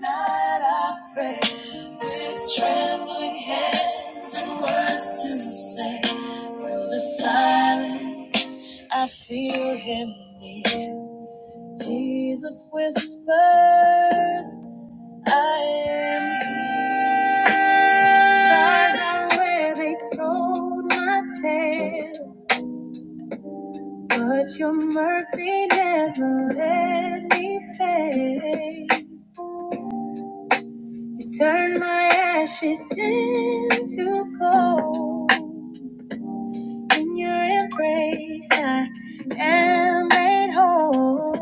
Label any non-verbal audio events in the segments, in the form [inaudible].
Night, I pray with trembling hands and words to say. Through the silence, I feel him near. Jesus whispers, I am here. Stars are where they told my tale, but your mercy never let me fade. You turn my ashes into gold. In your embrace, I am made whole.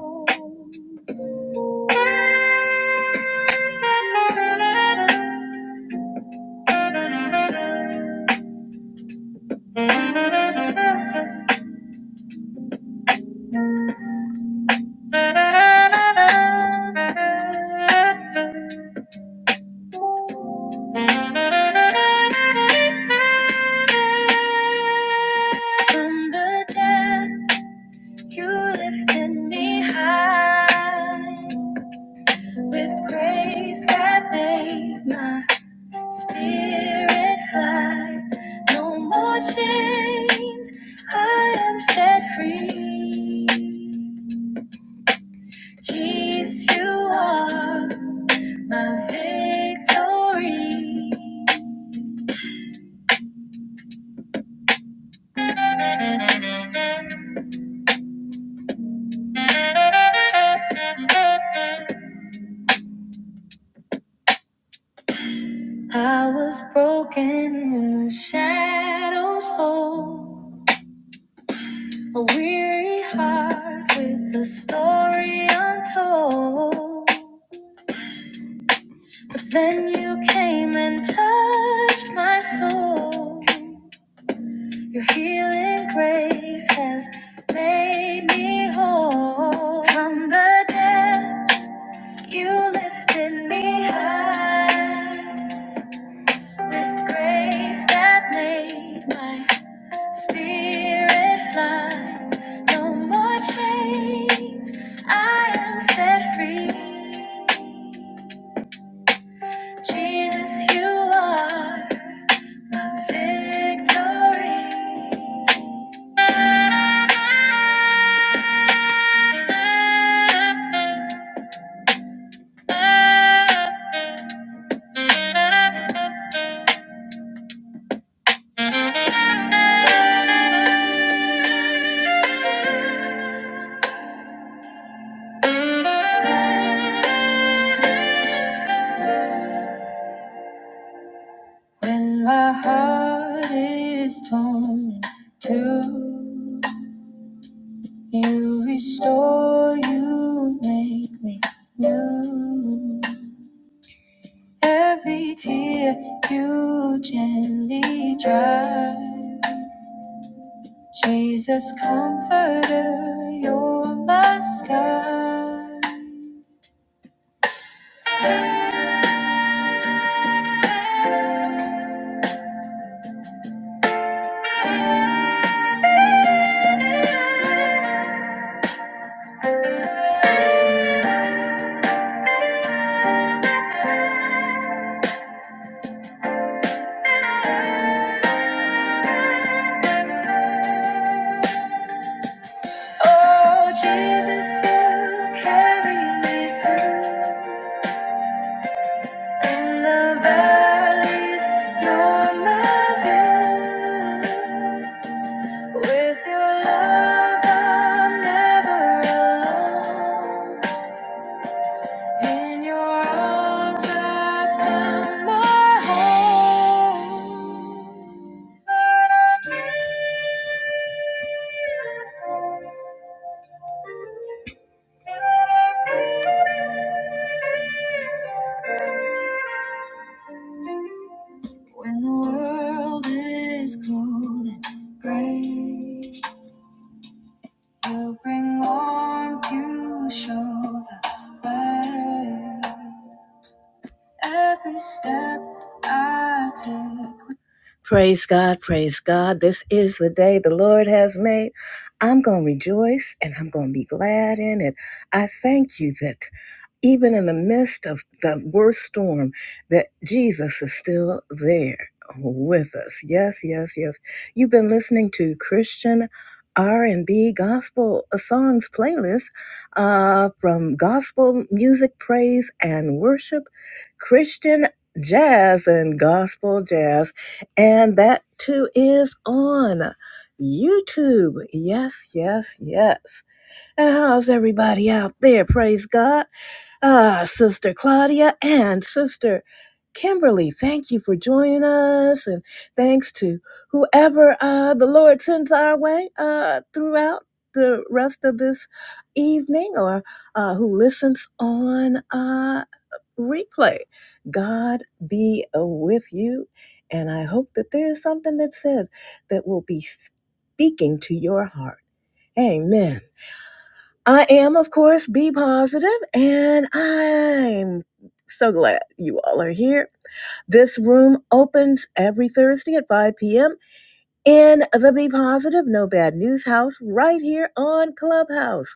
From the death, you lifted me high with grace that made my spirit fly. No more chains, I am set free. Jesus, you are my victory. I was broken in the shadows, whole, a weary heart with a story untold. But then you came and touched my soul. Your healing grace has made me whole from the depths. You lifted me high with grace that made my spirit fly. No more chains, I am set free. Jesus, you are my victory. When my heart is torn in two. You restore, you make me new. Every tear you gently dry. Jesus, comforter, you're my sky. Oh, Jesus, you carry me through. In the valleys, you're my view. With your love, I'm never alone. In your arms, I found my home. When the world is cold and gray, you bring warmth, you show the way. Every step I take. Praise God, praise God. This is the day the Lord has made. I'm going to rejoice and I'm going to be glad in it. I thank you that even in the midst of the worst storm, that Jesus is still there with us. Yes, yes, yes. You've been listening to Christian R&B gospel songs playlist uh, from gospel music, praise and worship, Christian jazz and gospel jazz, and that too is on YouTube. Yes, yes, yes. And how's everybody out there? Praise God. Ah, Sister Claudia and Sister Kimberly, thank you for joining us, and thanks to whoever uh, the Lord sends our way uh, throughout the rest of this evening, or uh, who listens on uh, replay. God be uh, with you, and I hope that there is something that said that will be speaking to your heart. Amen. I am, of course, be positive, and I'm so glad you all are here. This room opens every Thursday at 5 p.m. in the Be Positive, No Bad News House right here on Clubhouse.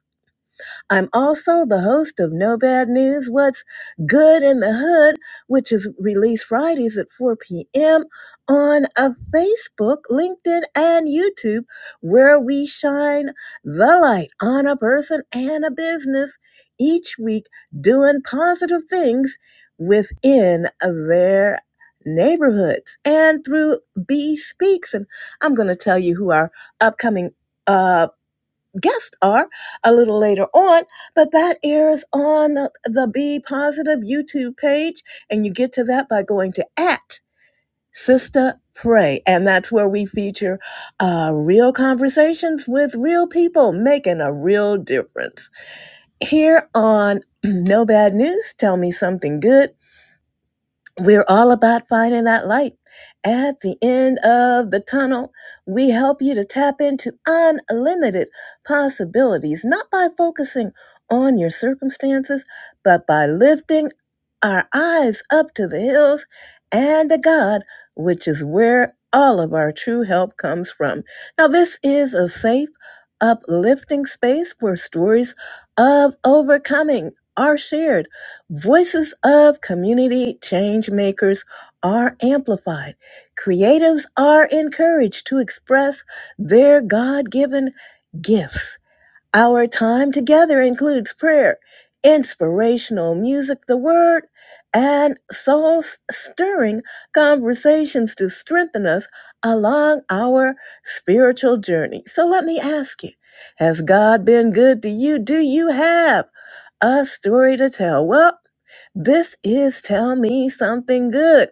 I'm also the host of No Bad News What's Good in the Hood, which is released Fridays at 4 p.m. on a Facebook, LinkedIn, and YouTube, where we shine the light on a person and a business each week doing positive things within their neighborhoods and through B Speaks. And I'm going to tell you who our upcoming. uh, guests are a little later on, but that airs on the, the Be Positive YouTube page, and you get to that by going to at Sister Pray, and that's where we feature uh, real conversations with real people making a real difference. Here on [clears throat] No Bad News, Tell Me Something Good, we're all about finding that light at the end of the tunnel. We help you to tap into unlimited possibilities, not by focusing on your circumstances, but by lifting our eyes up to the hills and to God, which is where all of our true help comes from. Now, this is a safe, uplifting space where stories of overcoming are shared Voices of community change makers are amplified. Creatives are encouraged to express their God given gifts our time together includes prayer, inspirational music, the word, and soul stirring conversations to strengthen us along our spiritual journey. So let me ask you Has God been good to you? Do you have a story to tell? Well, this is Tell Me Something Good.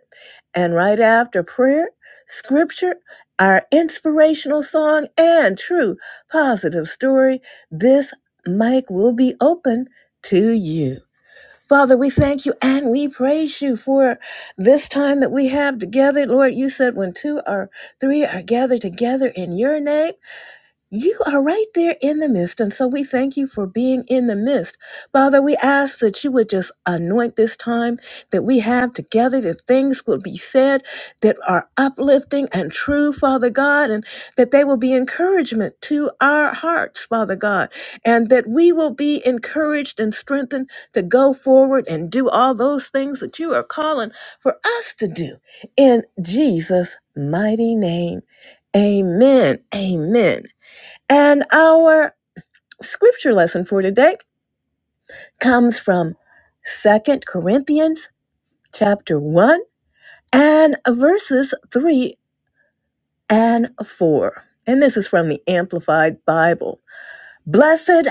And right after prayer, scripture, our inspirational song, and true positive story this mic will be open to you. Father, we thank you and we praise you for this time that we have together. Lord, you said when two or three are gathered together in your name, you are right there in the midst. And so we thank you for being in the midst. Father, we ask that you would just anoint this time that we have together, that things will be said that are uplifting and true, Father God, and that they will be encouragement to our hearts, Father God, and that we will be encouraged and strengthened to go forward and do all those things that you are calling for us to do. In Jesus' mighty name, amen. Amen. And our scripture lesson for today comes from Second Corinthians chapter 1 and verses 3 and 4. And this is from the Amplified Bible. Blessed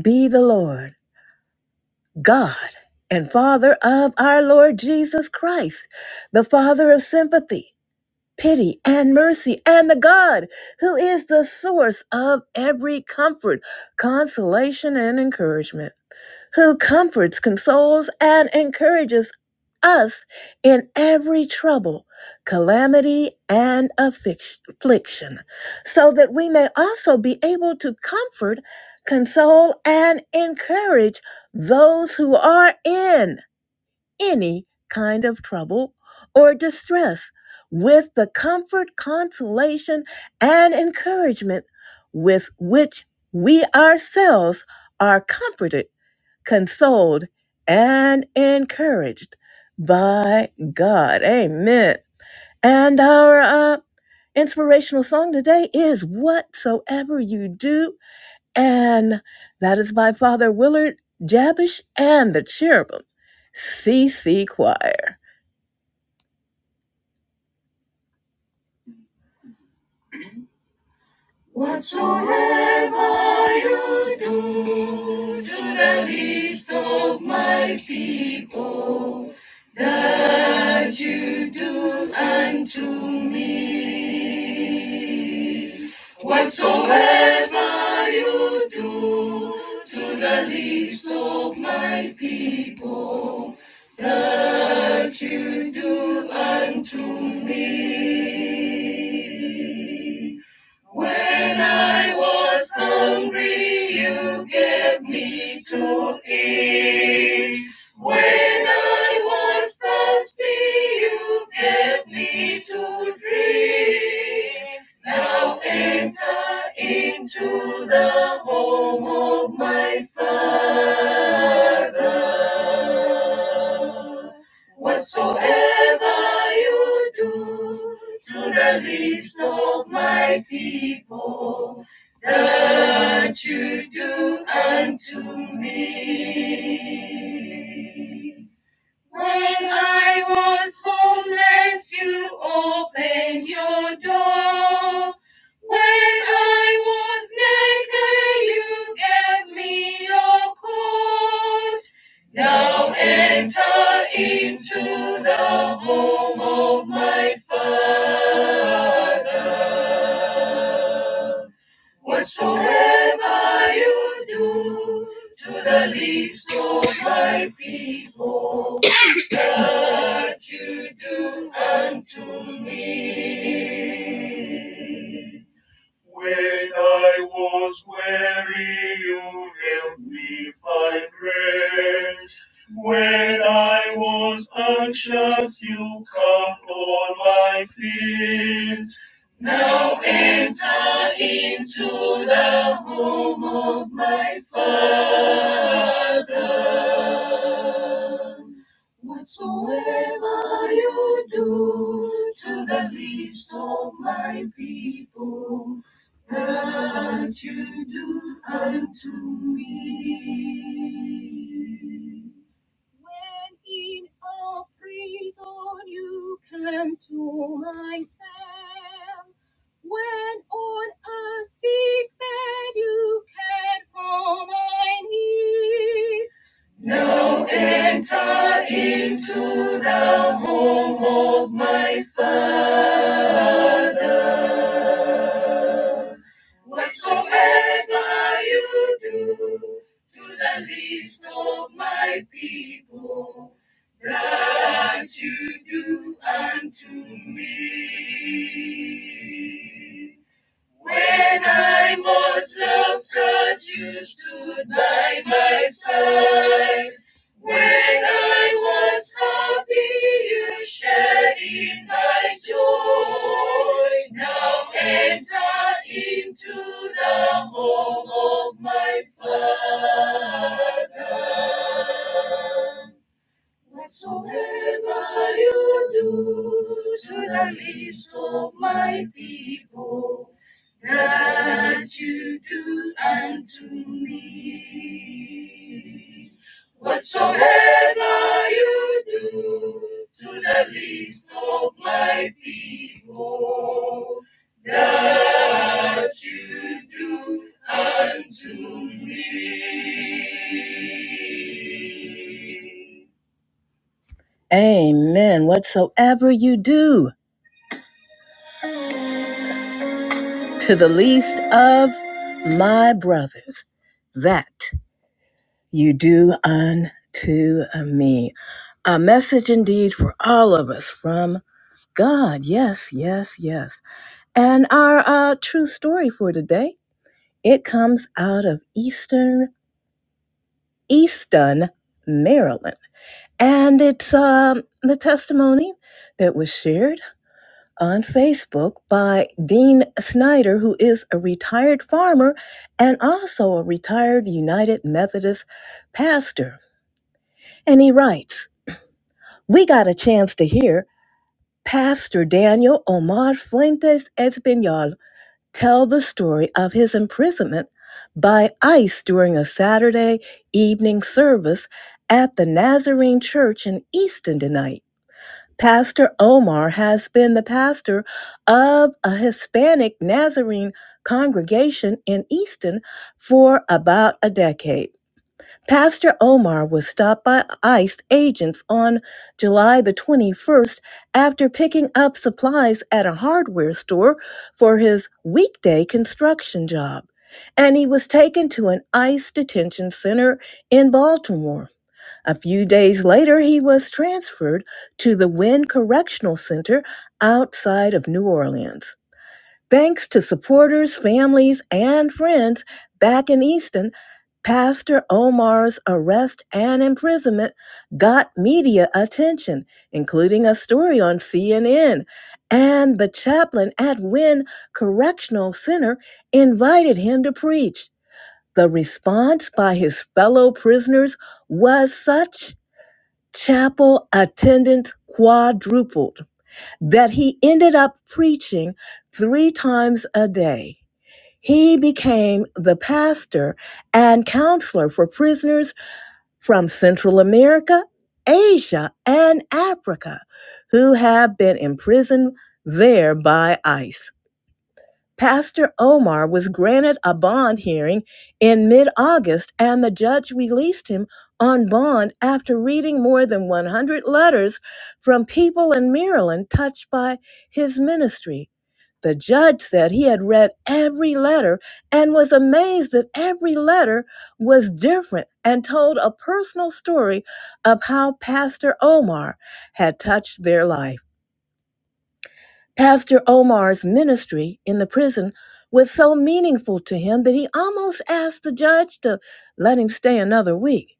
be the Lord, God and Father of our Lord Jesus Christ, the Father of sympathy, pity, and mercy, and the God who is the source of every comfort, consolation, and encouragement who comforts, consoles, and encourages us in every trouble, calamity, and affliction, so that we may also be able to comfort, console, and encourage those who are in any kind of trouble or distress with the comfort, consolation, and encouragement with which we ourselves are comforted consoled, and encouraged by God. Amen. And our uh, inspirational song today is Whatsoever You Do. And that is by Father Willard Jabish and the Cherubim CC Choir. Whatsoever you do, whatsoever you do, to the least of my people, and to was hungry, you gave me to eat. When I was thirsty, you gave me to drink. Now enter into the home of my Father. Whatsoever you do to the least of my people, that you do unto me. When I was homeless, you opened your door. When I was naked, you gave me your coat. Now enter into the home of my Father. Whatsoever you do to the least of my people what you do unto me. When I was weary, you helped me find rest. When I was anxious, you calmed all my fears. Now enter into the home of my Father. Whatsoever you do to the least of my people, that you do unto me. In all things all come to myself. When all are sick, that you can now enter into the home of my father. Whatsoever you do to the least of my people, that you do unto me. When I was left, you stood by my side. When I was happy, you shared in my joy. Now enter into the home of my Father. Whatsoever you do to the least of my people, that you do unto me. Whatsoever you do to the least of my people, that you do unto me. Amen. Whatsoever you do to the least of my brothers, that you do unto me. A message indeed for all of us from God. Yes, yes, yes. And our uh, true story for today, it comes out of Eastern, Easton, Maryland. And it's um, the testimony that was shared on Facebook by Dean Snyder, who is a retired farmer and also a retired United Methodist pastor. And he writes We got a chance to hear Pastor Daniel Omar Fuentes Espinal tell the story of his imprisonment by ICE during a Saturday evening service at the Nazarene Church in Easton tonight." Pastor Omar has been the pastor of a Hispanic Nazarene congregation in Easton for about a decade. Pastor Omar was stopped by ICE agents on July the 21st after picking up supplies at a hardware store for his weekday construction job. And he was taken to an ICE detention center in Baltimore. A few days later, he was transferred to the Wynn Correctional Center outside of New Orleans. Thanks to supporters, families, and friends back in Easton, Pastor Omar's arrest and imprisonment got media attention, including a story on CNN. And the chaplain at Wynn Correctional Center invited him to preach. The response by his fellow prisoners was such chapel attendance quadrupled, that he ended up preaching three times a day. He became the pastor and counselor for prisoners from Central America, Asia, and Africa who have been imprisoned there by ICE. Pastor Omar was granted a bond hearing in mid August, and the judge released him on bond after reading more than 100 letters from people in Maryland touched by his ministry. The judge said he had read every letter and was amazed that every letter was different and told a personal story of how Pastor Omar had touched their life. Pastor Omar's ministry in the prison was so meaningful to him that he almost asked the judge to let him stay another week.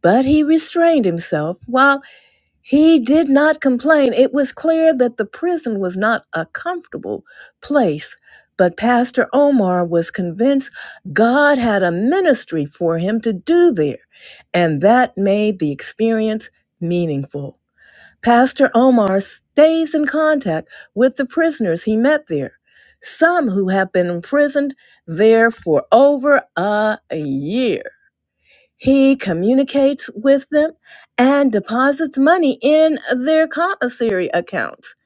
But he restrained himself. While he did not complain, it was clear that the prison was not a comfortable place. But Pastor Omar was convinced God had a ministry for him to do there, and that made the experience meaningful. Pastor Omar stays in contact with the prisoners he met there, some who have been imprisoned there for over a year. He communicates with them and deposits money in their commissary accounts.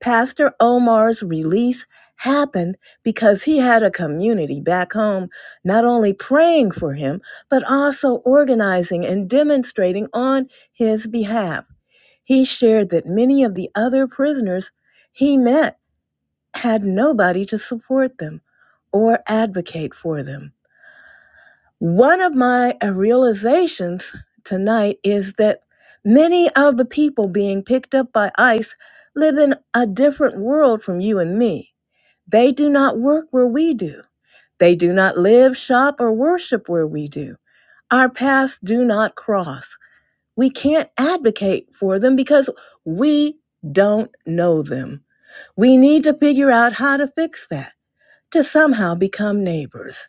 Pastor Omar's release happened because he had a community back home not only praying for him, but also organizing and demonstrating on his behalf. He shared that many of the other prisoners he met had nobody to support them or advocate for them. One of my uh, realizations tonight is that many of the people being picked up by ICE live in a different world from you and me. They do not work where we do. They do not live, shop, or worship where we do. Our paths do not cross. We can't advocate for them because we don't know them. We need to figure out how to fix that, to somehow become neighbors.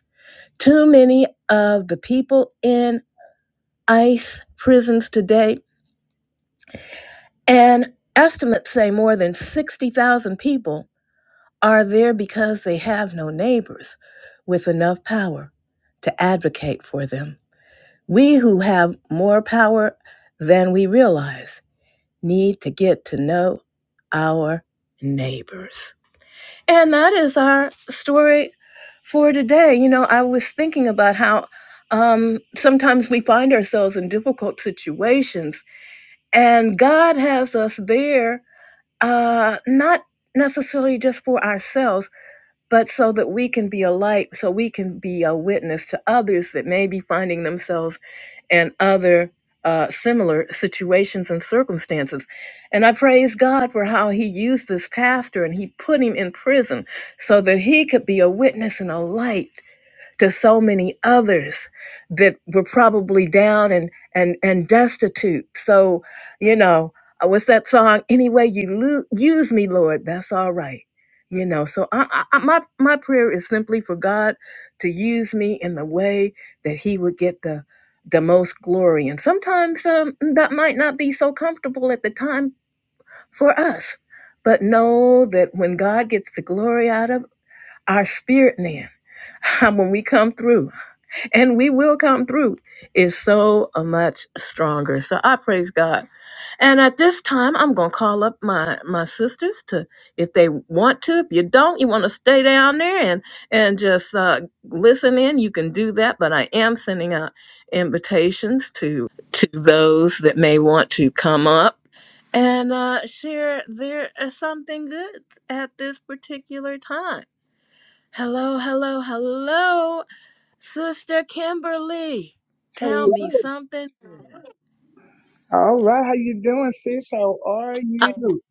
Too many of the people in ICE prisons today, and estimates say more than 60,000 people, are there because they have no neighbors with enough power to advocate for them. We who have more power than we realize need to get to know our neighbors. And that is our story for today. You know, I was thinking about how um, sometimes we find ourselves in difficult situations, and God has us there, uh, not necessarily just for ourselves but so that we can be a light, so we can be a witness to others that may be finding themselves in other uh, similar situations and circumstances. And I praise God for how He used this pastor and He put him in prison so that he could be a witness and a light to so many others that were probably down and and and destitute. So, you know, uh, what's that song? Any way you lo- use me, Lord, that's all right. You know, so I, I, I- my my prayer is simply for God to use me in the way that He would get the the most glory. And sometimes um, that might not be so comfortable at the time for us, but know that when God gets the glory out of our spirit, man, [laughs] when we come through and we will come through is so uh, much stronger. So I praise God. And at this time, I'm going to call up my, my sisters to, if they want to, if you don't, you want to stay down there and, and just uh, listen in, you can do that. But I am sending out invitations to, to those that may want to come up and uh, share their uh, something good at this particular time. Hello, hello, hello. Sister Kimberly, tell Hello. me something. good. All right. How you doing, sis? How are you?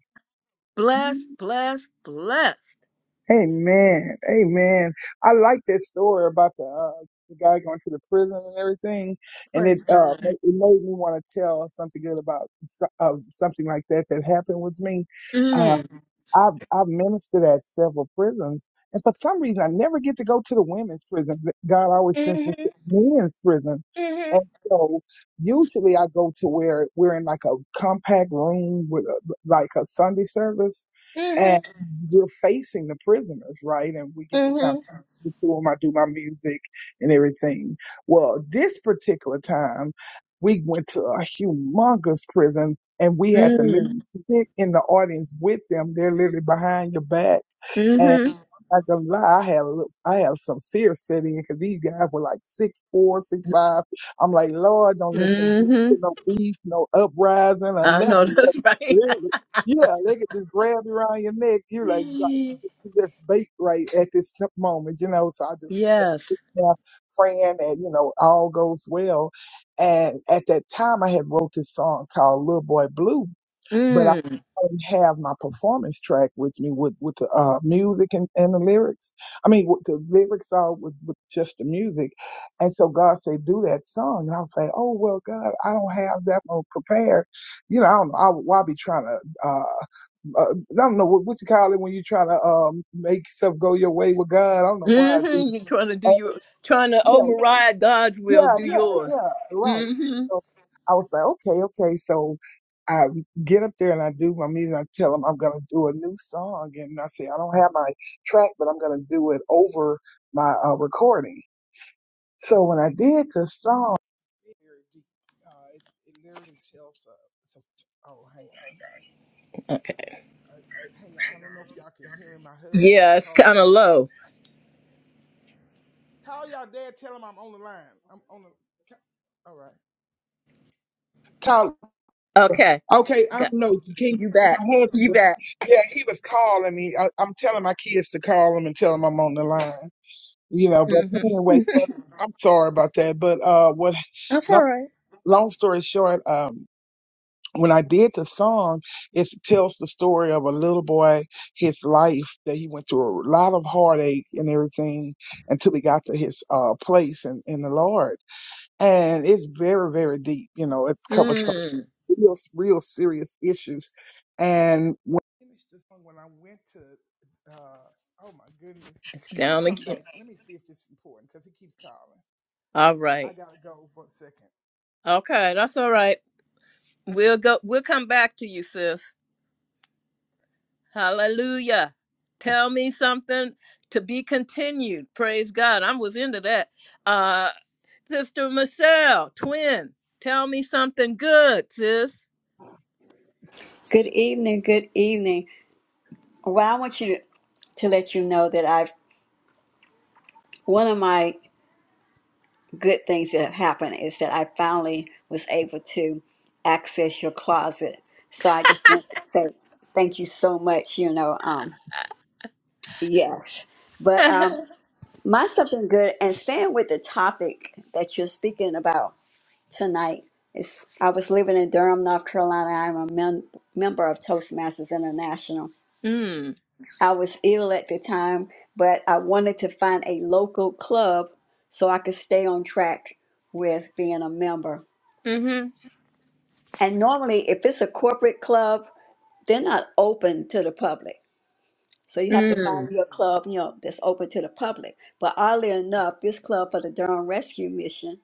blessed, blessed, blessed. Amen. Amen. I like that story about the uh, the guy going to the prison and everything, and it Praise uh God. ma- it made me want to tell something good about so- uh, something like that that happened with me. Um, Mm. I've I've ministered at several prisons, and for some reason I never get to go to the women's prison. But God always sends me Mhm, to the men's prison, mhm, and so usually I go to where we're in like a compact room with a, like a Sunday service mhm, we're facing the prisoners, right? And we get to come mhm. to them. I do my music and everything. Well, this particular time, we went to a humongous prison and we had to Mm. literally sit in the audience with them. They're literally behind your back. And Mm-hmm. I can lie, I had a little, I had some fear sitting in because these guys were like six four, six five. I'm like, Lord, don't let them be Mm-hmm. no beef, no uprising or I know nothing. that's right. Literally, yeah, they could just grab you around your neck. You're like, [laughs] just bait right at this t- moment, you know. So I just let- yes. yeah, praying and you know all goes well. And at that time, I had wrote this song called "Little Boy Blue," but I Mm. didn't have my performance track with me with with the uh, music and, and the lyrics. I mean, with the lyrics are with, with just the music. And so God said, "Do that song," and I was like, "Oh well, God, I don't have that one prepared." You know, I don't, I, why be trying to? uh, uh, I don't know what, what you call it when you try to um make stuff go your way with God. I don't know why I do. Mm-hmm. You're trying to do that. Uh, your trying to yeah, override God's will, yeah, do yeah, yours. yeah. Right. Mm-hmm. So I was like, okay, okay. So I get up there and I do my music. I tell them I'm gonna do a new song, and I say I don't have my track, but I'm gonna do it over my uh, recording. So when I did the song, it, uh, it, it literally tells uh, so, oh hang on, Okay. uh, hang on. I don't know if y'all can hear me. My husband is Yeah, it's calling. kinda low. Call y'all dad. Tell him I'm on the line. I'm on the. All right. Call. Okay. Okay, I Got don't know. You can't. you back. my You husband. back. Yeah, he was calling me. I, I'm telling my kids to call him and tell him I'm on the line. You know, but Mm-hmm. anyway, so I'm sorry about that. But uh, what? That's Long, all right. long story short, um, when I did the song, it tells the story of a little boy, his life that he went through a lot of heartache and everything until he got to his uh place in, in the Lord. and it's very very deep you know it covers some Mm, real real serious issues and when I finished this one when i went to uh oh my goodness it's i'm gonna down come again. back let me see if this is important because he keeps calling All i right. gotta go for a second Okay, that's all right. We'll go we'll come back to you, sis. Hallelujah. Tell me something to be continued. Praise God. I was into that. Uh Sister Michelle, twin. Tell me something good, sis. Good evening. Good evening. Well, I want you to, to let you know that I've one of my good things that have happened is that I finally was able to access your closet. So I just want to say thank you so much. You know, um, yes. But um, my something good and staying with the topic that you're speaking about tonight is I was living in Durham, North Carolina. I'm a mem- member of Toastmasters International. Mm. I was ill at the time, but I wanted to find a local club so I could stay on track with being a member. Mm-hmm. And normally, if it's a corporate club, they're not open to the public. So you have to find Mm. your club, you know, that's open to the public. But oddly enough, this club for the Durham Rescue Mission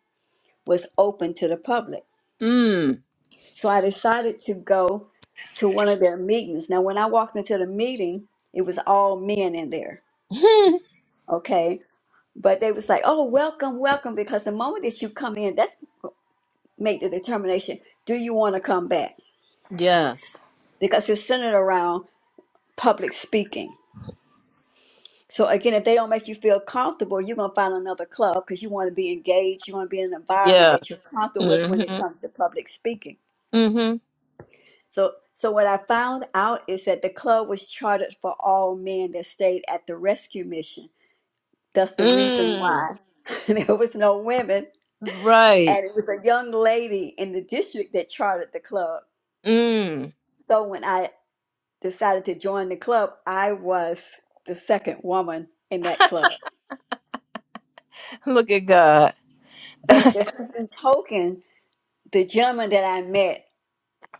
was open to the public. Mm. So I decided to go to one of their meetings. Now, when I walked into the meeting, it was all men in there. [laughs] Okay But they was like, "Oh, welcome, welcome," because the moment that you come in, that's make the determination: do you want to come back? yes. Because it's centered around public speaking. So again, if they don't make you feel comfortable, you're gonna find another club because you want to be engaged. You want to be in an environment Yeah. that you're comfortable with when it Mm-hmm. comes to public speaking. Mm-hmm. So, so what I found out is that the club was chartered for all men that stayed at the rescue mission. That's the reason Mm. why [laughs] there was no women Right. and it was a young lady in the district that chartered the club. Mm. So when I decided to join the club, I was the second woman in that club. Look at God. But at the same token, the gentlemen that I met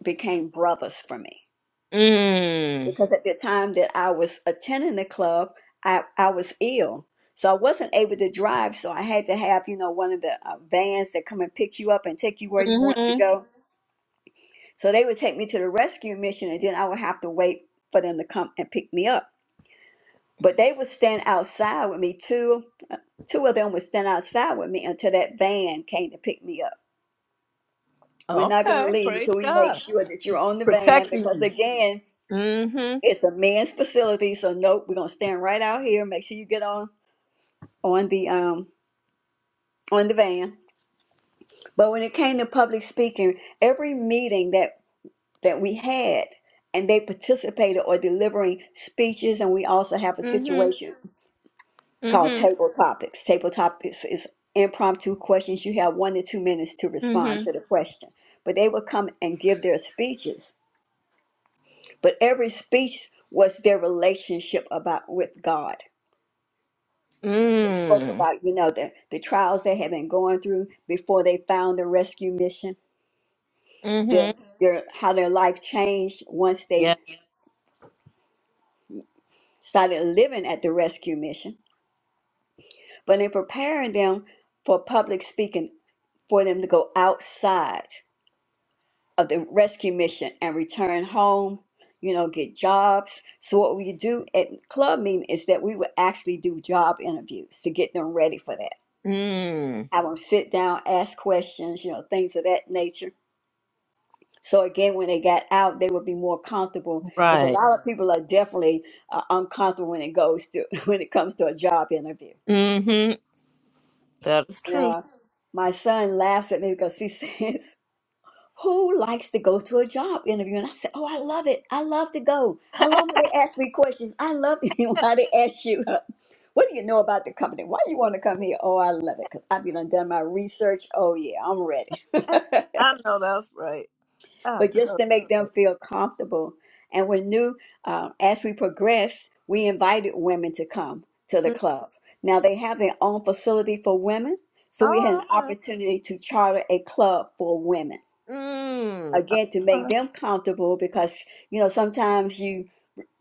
became brothers for me Mm. because at the time that I was attending the club, I, I was ill. So I wasn't able to drive, so I had to have, you know, one of the uh, vans that come and pick you up and take you where you want to Mm-hmm. go. So they would take me to the rescue mission and then I would have to wait for them to come and pick me up. But they would stand outside with me. Two two of them would stand outside with me until that van came to pick me up. We're not gonna Okay, leave praise until we make God. sure that you're on the van Protecting because you. again, Mm-hmm. it's a men's facility, so nope, we're gonna stand right out here, make sure you get on on the um on the van. But when it came to public speaking, every meeting that that we had, and they participated or delivering speeches. And we also have a Mm-hmm. situation called Mm-hmm. table topics. Table topics is impromptu questions. You have one to two minutes to respond Mm-hmm. to the question. But they would come and give their speeches. But every speech was their relationship about with God. Spoke Mm. about, you know, the, the trials they had been going through before they found the rescue mission, Mm-hmm. their, their how their life changed once they Yeah, started living at the rescue mission but in preparing them for public speaking, for them to go outside of the rescue mission and return home, you know, get jobs. So what we do at club meeting is that we would actually do job interviews to get them ready for that. Mm. I would sit down, ask questions, you know, things of that nature. So again, when they got out, they would be more comfortable because a right. lot of people are definitely uh, uncomfortable when it goes to [laughs] when it comes to a job interview. Mm-hmm. That is And, true. Uh, my son laughs at me because he [laughs] says who likes to go to a job interview? And I said, Oh, I love it. I love to go. I love when they ask me questions. I love [laughs] how they ask you, uh, What do you know about the company? Why you want to come here? Oh, I love it because I've been done my research. Oh, yeah, I'm ready. [laughs] I know that's right. I but just know. to make them That's feel comfortable. And when new, uh, as we progressed, we invited women to come to the club. Now they have their own facility for women. So we had an opportunity to charter a club for women Mm. right. Mm. again to All right. Mm. All make right. them comfortable because you know sometimes you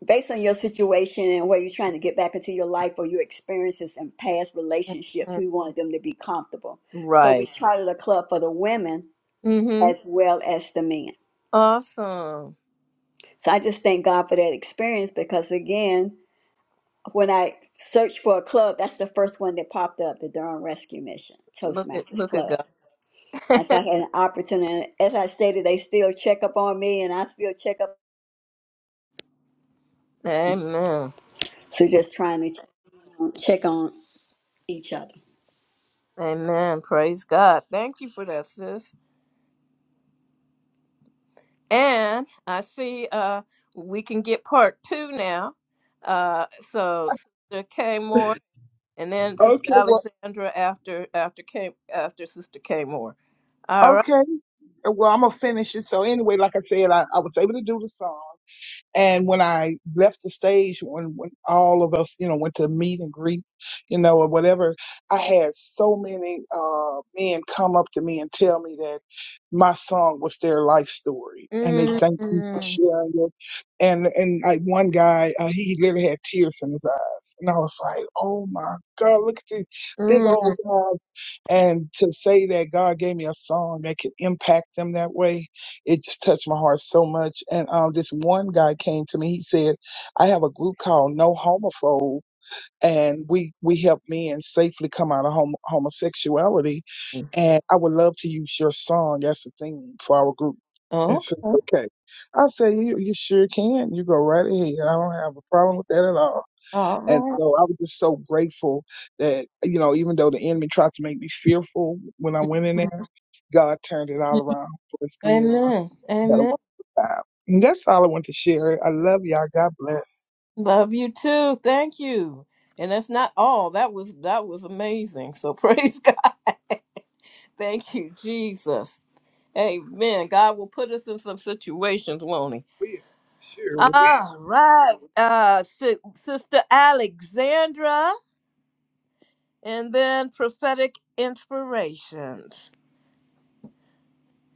based on your situation and where you're trying to get back into your life or your experiences and past relationships we want them to be comfortable so we Right. charted a club for the women Mm-hmm. as well as the men Awesome. so i just thank god for that experience because again when i searched for a club that's the first one that popped up the durham rescue mission Look at toastmasters look at club God. and so i had an opportunity as i stated they still check up on me and i still check up Amen. so just trying to check on each other. Amen. Praise God. Thank you for that, sis. And I see uh, we can get part two now. Uh, so Sister K Moore, and then Sister okay well Alexandra after after K after Sister K Moore. All right. okay well i'm gonna finish it so anyway like i said i, I was able to do the song And when I left the stage, when, when all of us, you know, went to meet and greet, you know, or whatever, I had so many uh, men come up to me and tell me that my song was their life story, and they Mm, thanked me for mm, sharing it. And and like one guy, uh, he literally had tears in his eyes, and I was like, "Oh my God, look at these big mm. old guys!" And to say that God gave me a song that could impact them that way, it just touched my heart so much. And um, this one guy came to me. He said, "I have a group called No Homophobe, and we we help men safely come out of homo homosexuality. And I would love to use your song as a theme for our group." I said, Okay. okay. I said, you, you sure can. You go right ahead. I don't have a problem with that at all. All And right. so I was just so grateful that, you know, even though the enemy tried to make me fearful when I went in there, God turned it all around for his good. Amen. Had a Amen. wonderful time. And that's all I want to share. I love y'all. God bless. Love you too. Thank you. And that's not all. That was that was amazing. So [laughs] praise God. Thank you, Jesus. Amen. God will put us in some situations, won't He? Will. Sure. will. All right, uh, si- Sister Alexandra, and then prophetic inspirations.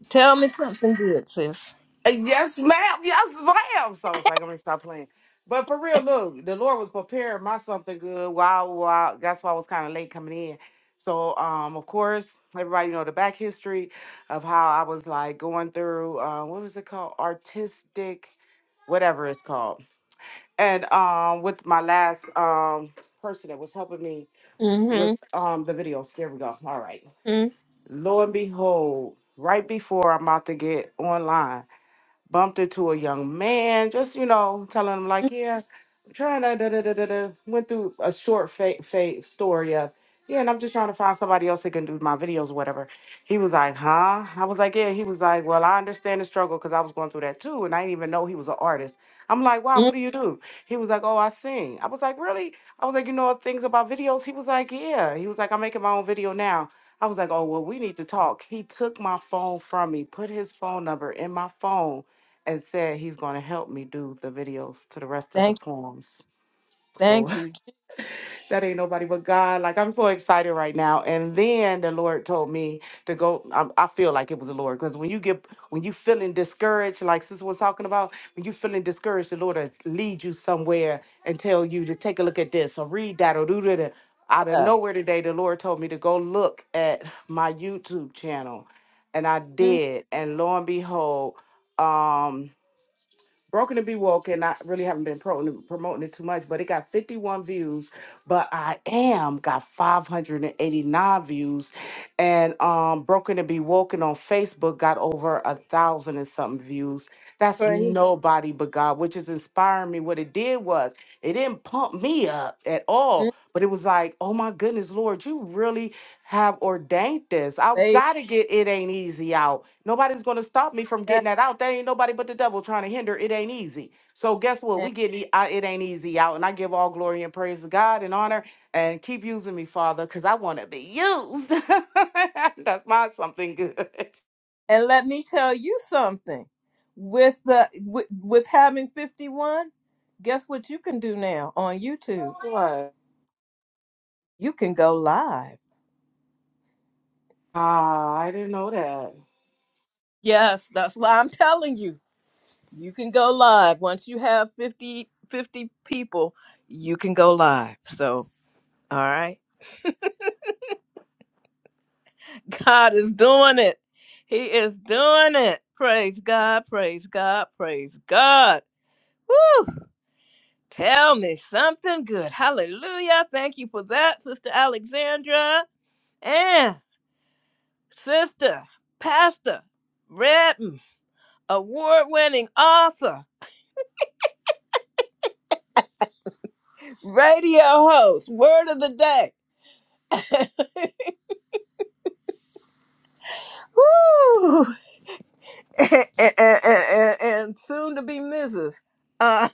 Tell me something good, sis. Yes, ma'am. Yes, ma'am. So I was like, I'm gonna stop playing. But for real, look, the Lord was preparing my something good. While, while that's why I was kind of late coming in. So, um, of course, everybody know the back history of how I was like going through. Uh, what was it called? Artistic, whatever it's called. And um, with my last um person that was helping me with Mm-hmm. um the videos. There we go. All right. Lo and behold, right before I'm about to get online bumped into a young man, just you know, telling him like, yeah, I'm trying to da, da, da, da, da. went through a short fake fake story of yeah, and I'm just trying to find somebody else that can do my videos, or whatever. He was like, huh? I was like, yeah. He was like, well, I understand the struggle because I was going through that too, and I didn't even know he was an artist. I'm like, wow, Mm-hmm. what do you do? He was like, oh, I sing. I was like, really? I was like, you know things about videos? He was like, yeah. He was like, I'm making my own video now. I was like, oh, well, we need to talk. He took my phone from me, put his phone number in my phone, and said he's going to help me do the videos to the rest of the Thank poems. you, So thank you, [laughs] that ain't nobody but God. Like I'm so excited right now. And then the Lord told me to go. I, I feel like it was the Lord because when you get when you feeling discouraged, like Sister was talking about, when you feeling discouraged, the Lord will lead you somewhere and tell you to take a look at this or read that or do that. Out of nowhere Jesus. today, the Lord told me to go look at my YouTube channel, and I Mm, did. And lo and behold, um Broken to Be Woke, and I really haven't been pro- promoting it too much, but it got 51 views. But I am got 589 views, and um, Broken to Be Woken on Facebook got over a thousand and something views. That's Praise nobody but God, which is inspiring me. What it did was it didn't pump me up at God, all, but it was like, oh my goodness, Lord, you really have ordained this. I've baby. got to get it ain't easy out. Nobody's going to stop me from Yeah. getting that out. There ain't nobody but the devil trying to hinder it ain't easy. So guess what? We And, get it it ain't easy out. And I give all glory and praise to God and honor and keep using me, Father, because I want to be used. [laughs] That's my something good. and let me tell you something. With the with, with having fifty one, guess what you can do now on YouTube? What? You can go live. Ah, I didn't know that. Yes, that's why I'm telling you. You can go live. Once you have 50 50 people, you can go live. So, all right. [laughs] God is doing it. He is doing it. Praise God. Praise God. Praise God. Woo! Tell me something good. Hallelujah. Thank you for that, Sister Alexandra. And Sister Pastor Redden, award winning author, radio host, word of the day. Woo! and, and, and, and soon to be Mrs. Uh,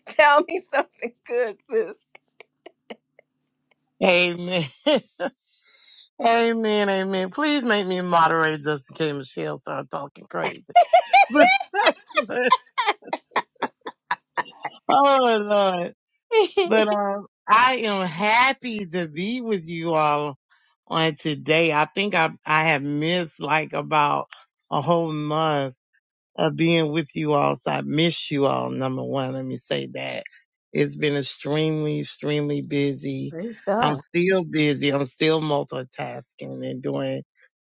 [laughs] tell me something good, sis. Amen. [laughs] amen. Amen. Please make me moderate just in case Michelle start talking crazy. [laughs] But but- oh Lord. [laughs] But um I am happy to be with you all on today. I think I I have missed like about a whole month. of being with you all. So I miss you all, number one. Let me say that. It's been extremely, extremely busy. Praise I'm God. still busy. I'm still multitasking and doing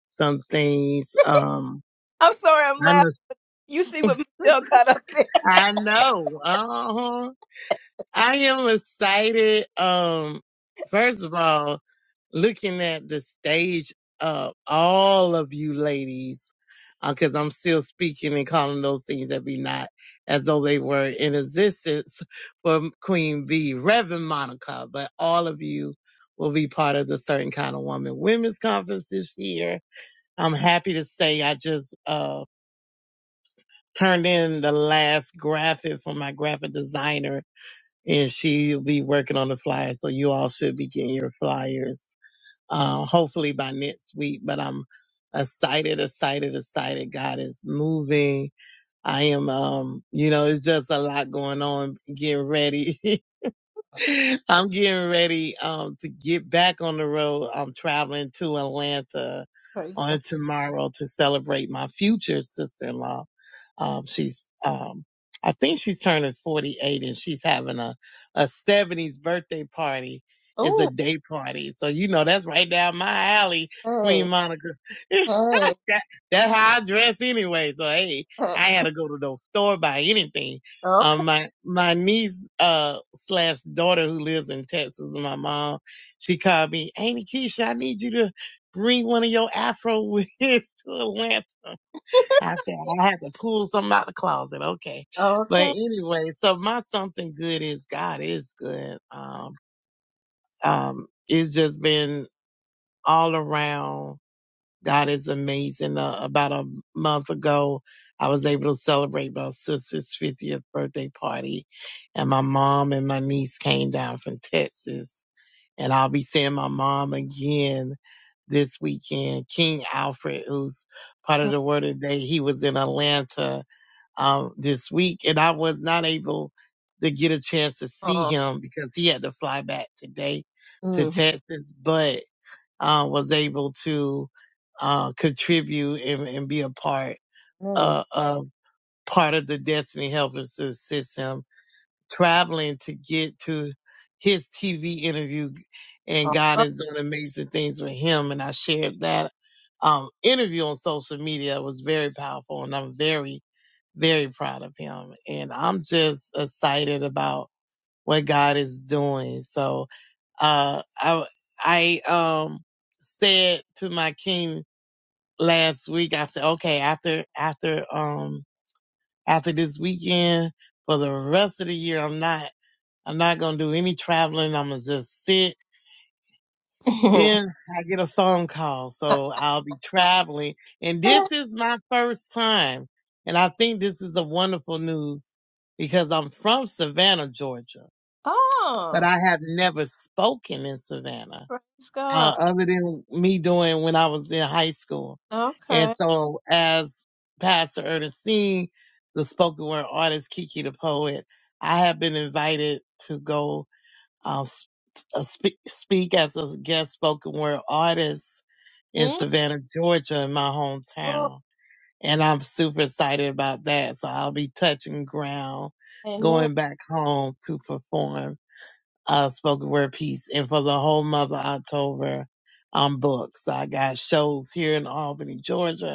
some things. Um, I'm sorry, I'm I'm laughing. a, You see what Michelle got up there? I know. Uh-huh. I am excited. Um, first of all, looking at the stage of all of you ladies, because I'm still speaking and calling those things that be not as though they were in existence for Queen B, Reverend Monica, but all of you will be part of the Certain Kind of Woman Women's Conference this year. I'm happy to say I just uh, turned in the last graphic for my graphic designer and she'll be working on the flyer. So you all should be getting your flyers, uh, hopefully by next week. But I'm excited, excited, excited. God is moving. I am, um, you know, it's just a lot going on. Getting ready. [laughs] I'm getting ready, um, to get back on the road. I'm traveling to Atlanta Praise God. on tomorrow to celebrate my future sister-in-law um, she's, um, I think she's turning 48 and she's having a, a 70s birthday party. It's a Oh, day party. So, you know, that's right down my alley, Queen hey, Monica. [laughs] hey, that, that's how I dress anyway. So, hey, hey. I had to go to no store, buy anything. Okay, Um, my, my niece, uh, slash daughter who lives in Texas with my mom, she called me, Auntie Keisha, I need you to bring one of your Afro wigs [laughs] to Atlanta. I said I had to pull something out the closet. Okay. But okay. anyway, so my something good is God is good. Um, um, it's just been all around. God is amazing. Uh, about a month ago, I was able to celebrate my sister's 50th birthday party and my mom and my niece came down from Texas and I'll be seeing my mom again this weekend. King Alfred, who's part of the word of the day, he was in Atlanta um, this week, and I was not able to get a chance to see Oh, him because he had to fly back today to mm-hmm. Texas, but uh, was able to uh, contribute and, and be a part All uh, of part of the Destiny Helpers to assist him traveling to get to his TV interview, and God is doing amazing things with him, and I shared that. Um, interview on social media It was very powerful, and I'm very very proud of him. And I'm just excited about what God is doing. So, uh, I, I, um, said to my king last week, I said, okay, after, after, um, after this weekend, for the rest of the year, I'm not, I'm not going to do any traveling. I'm going to just sit right. [laughs] Then I get a phone call, so I'll be traveling. And this is my first time. And I think this is a wonderful news because I'm from Savannah, Georgia, but oh, I have never spoken in Savannah praise God. uh, other than me doing when I was in high school. And Okay. so as Pastor Ernestine, the spoken word artist, Kiki the poet, I have been invited to go I'll s- uh, speak, speak as a guest spoken word artist in Mm, Savannah, Georgia, in my oh, hometown. And I'm super excited about that. So I'll be touching ground, amen. going back home to perform a spoken word piece. And for the whole month of October, I'm booked. So I got shows here in Albany, Georgia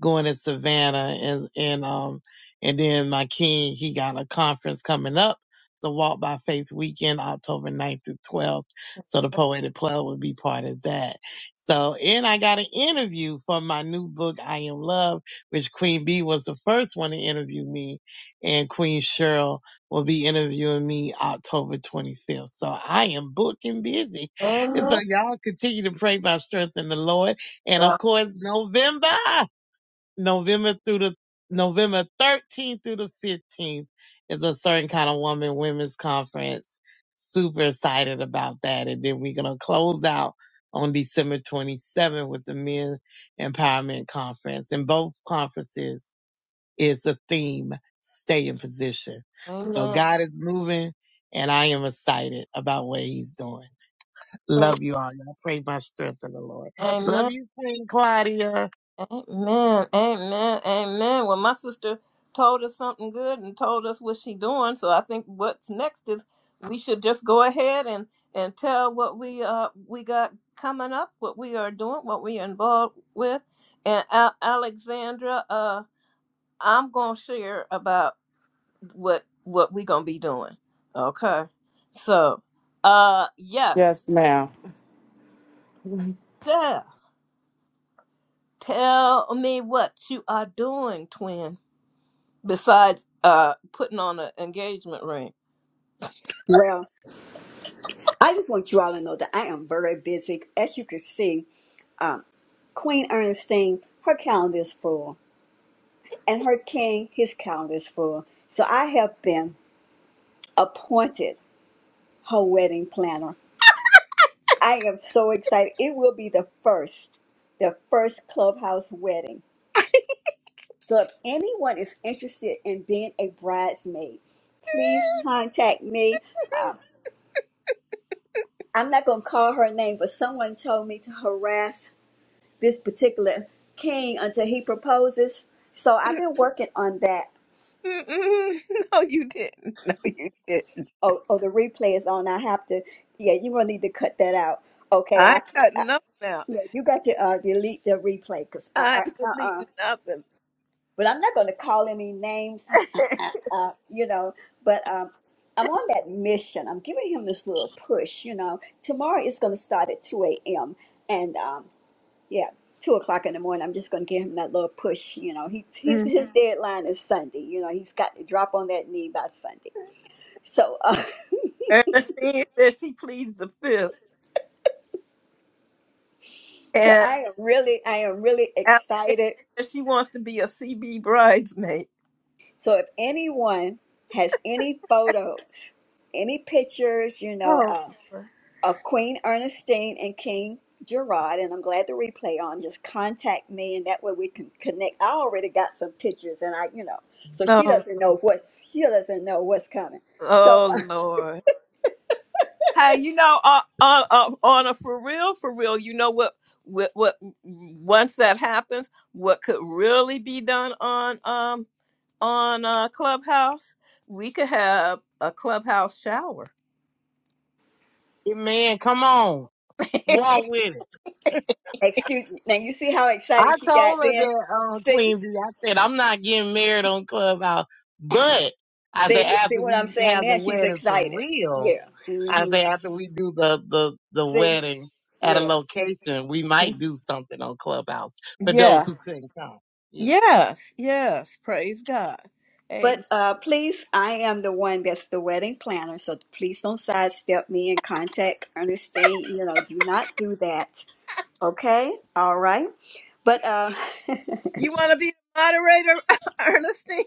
going to Savannah and and um and then my king he got a conference coming up, the Walk by Faith weekend, October ninth through 12th. So the poetic plug will be part of that. So and I got an interview for my new book, I Am Love, which Queen B was the first one to interview me, and Queen Cheryl will be interviewing me October 25th. So I am booked and busy. And so Amen. y'all continue to pray my strength in the Lord. And of brother. course, November. [laughs] November through the November 13th through the 15th is a certain kind of woman women's conference. Super excited about that. And then we're going to close out on December 27th with the men empowerment conference. And both conferences is the theme, stay in position. So Amen. God is moving and I am excited about what he's doing. Praise. Love you all. Y'all pray my strength in the Lord. Amen. Love you, Queen Claudia. Amen. Amen. Amen. Well, my sister told us something good and told us what she's doing. So I think what's next is we should just go ahead and and tell what we uh we got coming up, what we are doing, what we are involved with. And Al- Alexandra, uh, I'm gonna share about what what we gonna be doing. Okay. So, uh, yes, Yes, ma'am. yeah. Tell me what you are doing, twin. Besides uh putting on an engagement ring. Well, I just want you all to know that I am very busy. As you can see, um, Queen Ernestine, her calendar is full, and her king, his calendar is full. So I have been appointed her wedding planner. I am so excited. It will be the first, the first clubhouse wedding. So if anyone is interested in being a bridesmaid, please contact me. Um, I'm not going to call her name, but someone told me to harass this particular king until he proposes. So I've been working on that. Mm-mm. [laughs] No, you didn't. No, you didn't. Oh, oh, the replay is on. I have to. Yeah, you gonna need to cut that out. Okay, I I. ain't got I nothing out. yeah, you got to uh, delete the replay because I. I ain't I uh uh deleting nothing. But I'm not gonna call any names. [laughs] [laughs] uh, you know. But um, I'm on that mission. I'm giving him this little push. You know, tomorrow it's gonna start at 2 a.m. and um. yeah, two o'clock in the morning. I'm just gonna give him that little push. You know, he's he's Mm. his deadline is Sunday. You know, he's got to drop on that knee by Sunday. So, uh, Ernestine says she pleads the fifth, [laughs] so and I am really, I am really Alexandra excited. says she wants to be a CB bridesmaid. So, if anyone has any photos, any pictures, you know, Oh, uh, Lord. of Queen Ernestine and King Gerard, and I'm glad the replay on. Just contact me, and that way we can connect. I already got some pictures, and I, you know, so she oh, doesn't know Lord. what's she doesn't know what's coming. So Oh Lord. Hey, you know, on on on on a for real, for real, you know what, what what once that happens, what could really be done on um on uh, Clubhouse? We could have a clubhouse shower. Amen. Come on. Walk with it. Excuse me. Now you see how excited I she got told her then? that, um, See? Queen B. I said, I'm not getting married on Clubhouse, but I said, See? See after what I'm we saying have the now? She's wedding for excited. real, Yeah. I hmm said, after we do the, the, the See? wedding at a Yeah. location, we might do something on Clubhouse for Yeah. those who couldn't come. Yeah. Yes. Yes. Praise God. But Amen. uh, please, I am the one that's the wedding planner, so please don't sidestep me and contact Ernestine. You know, do not do that. Okay? All right. But uh [laughs] You want to be the moderator, [laughs] Ernestine?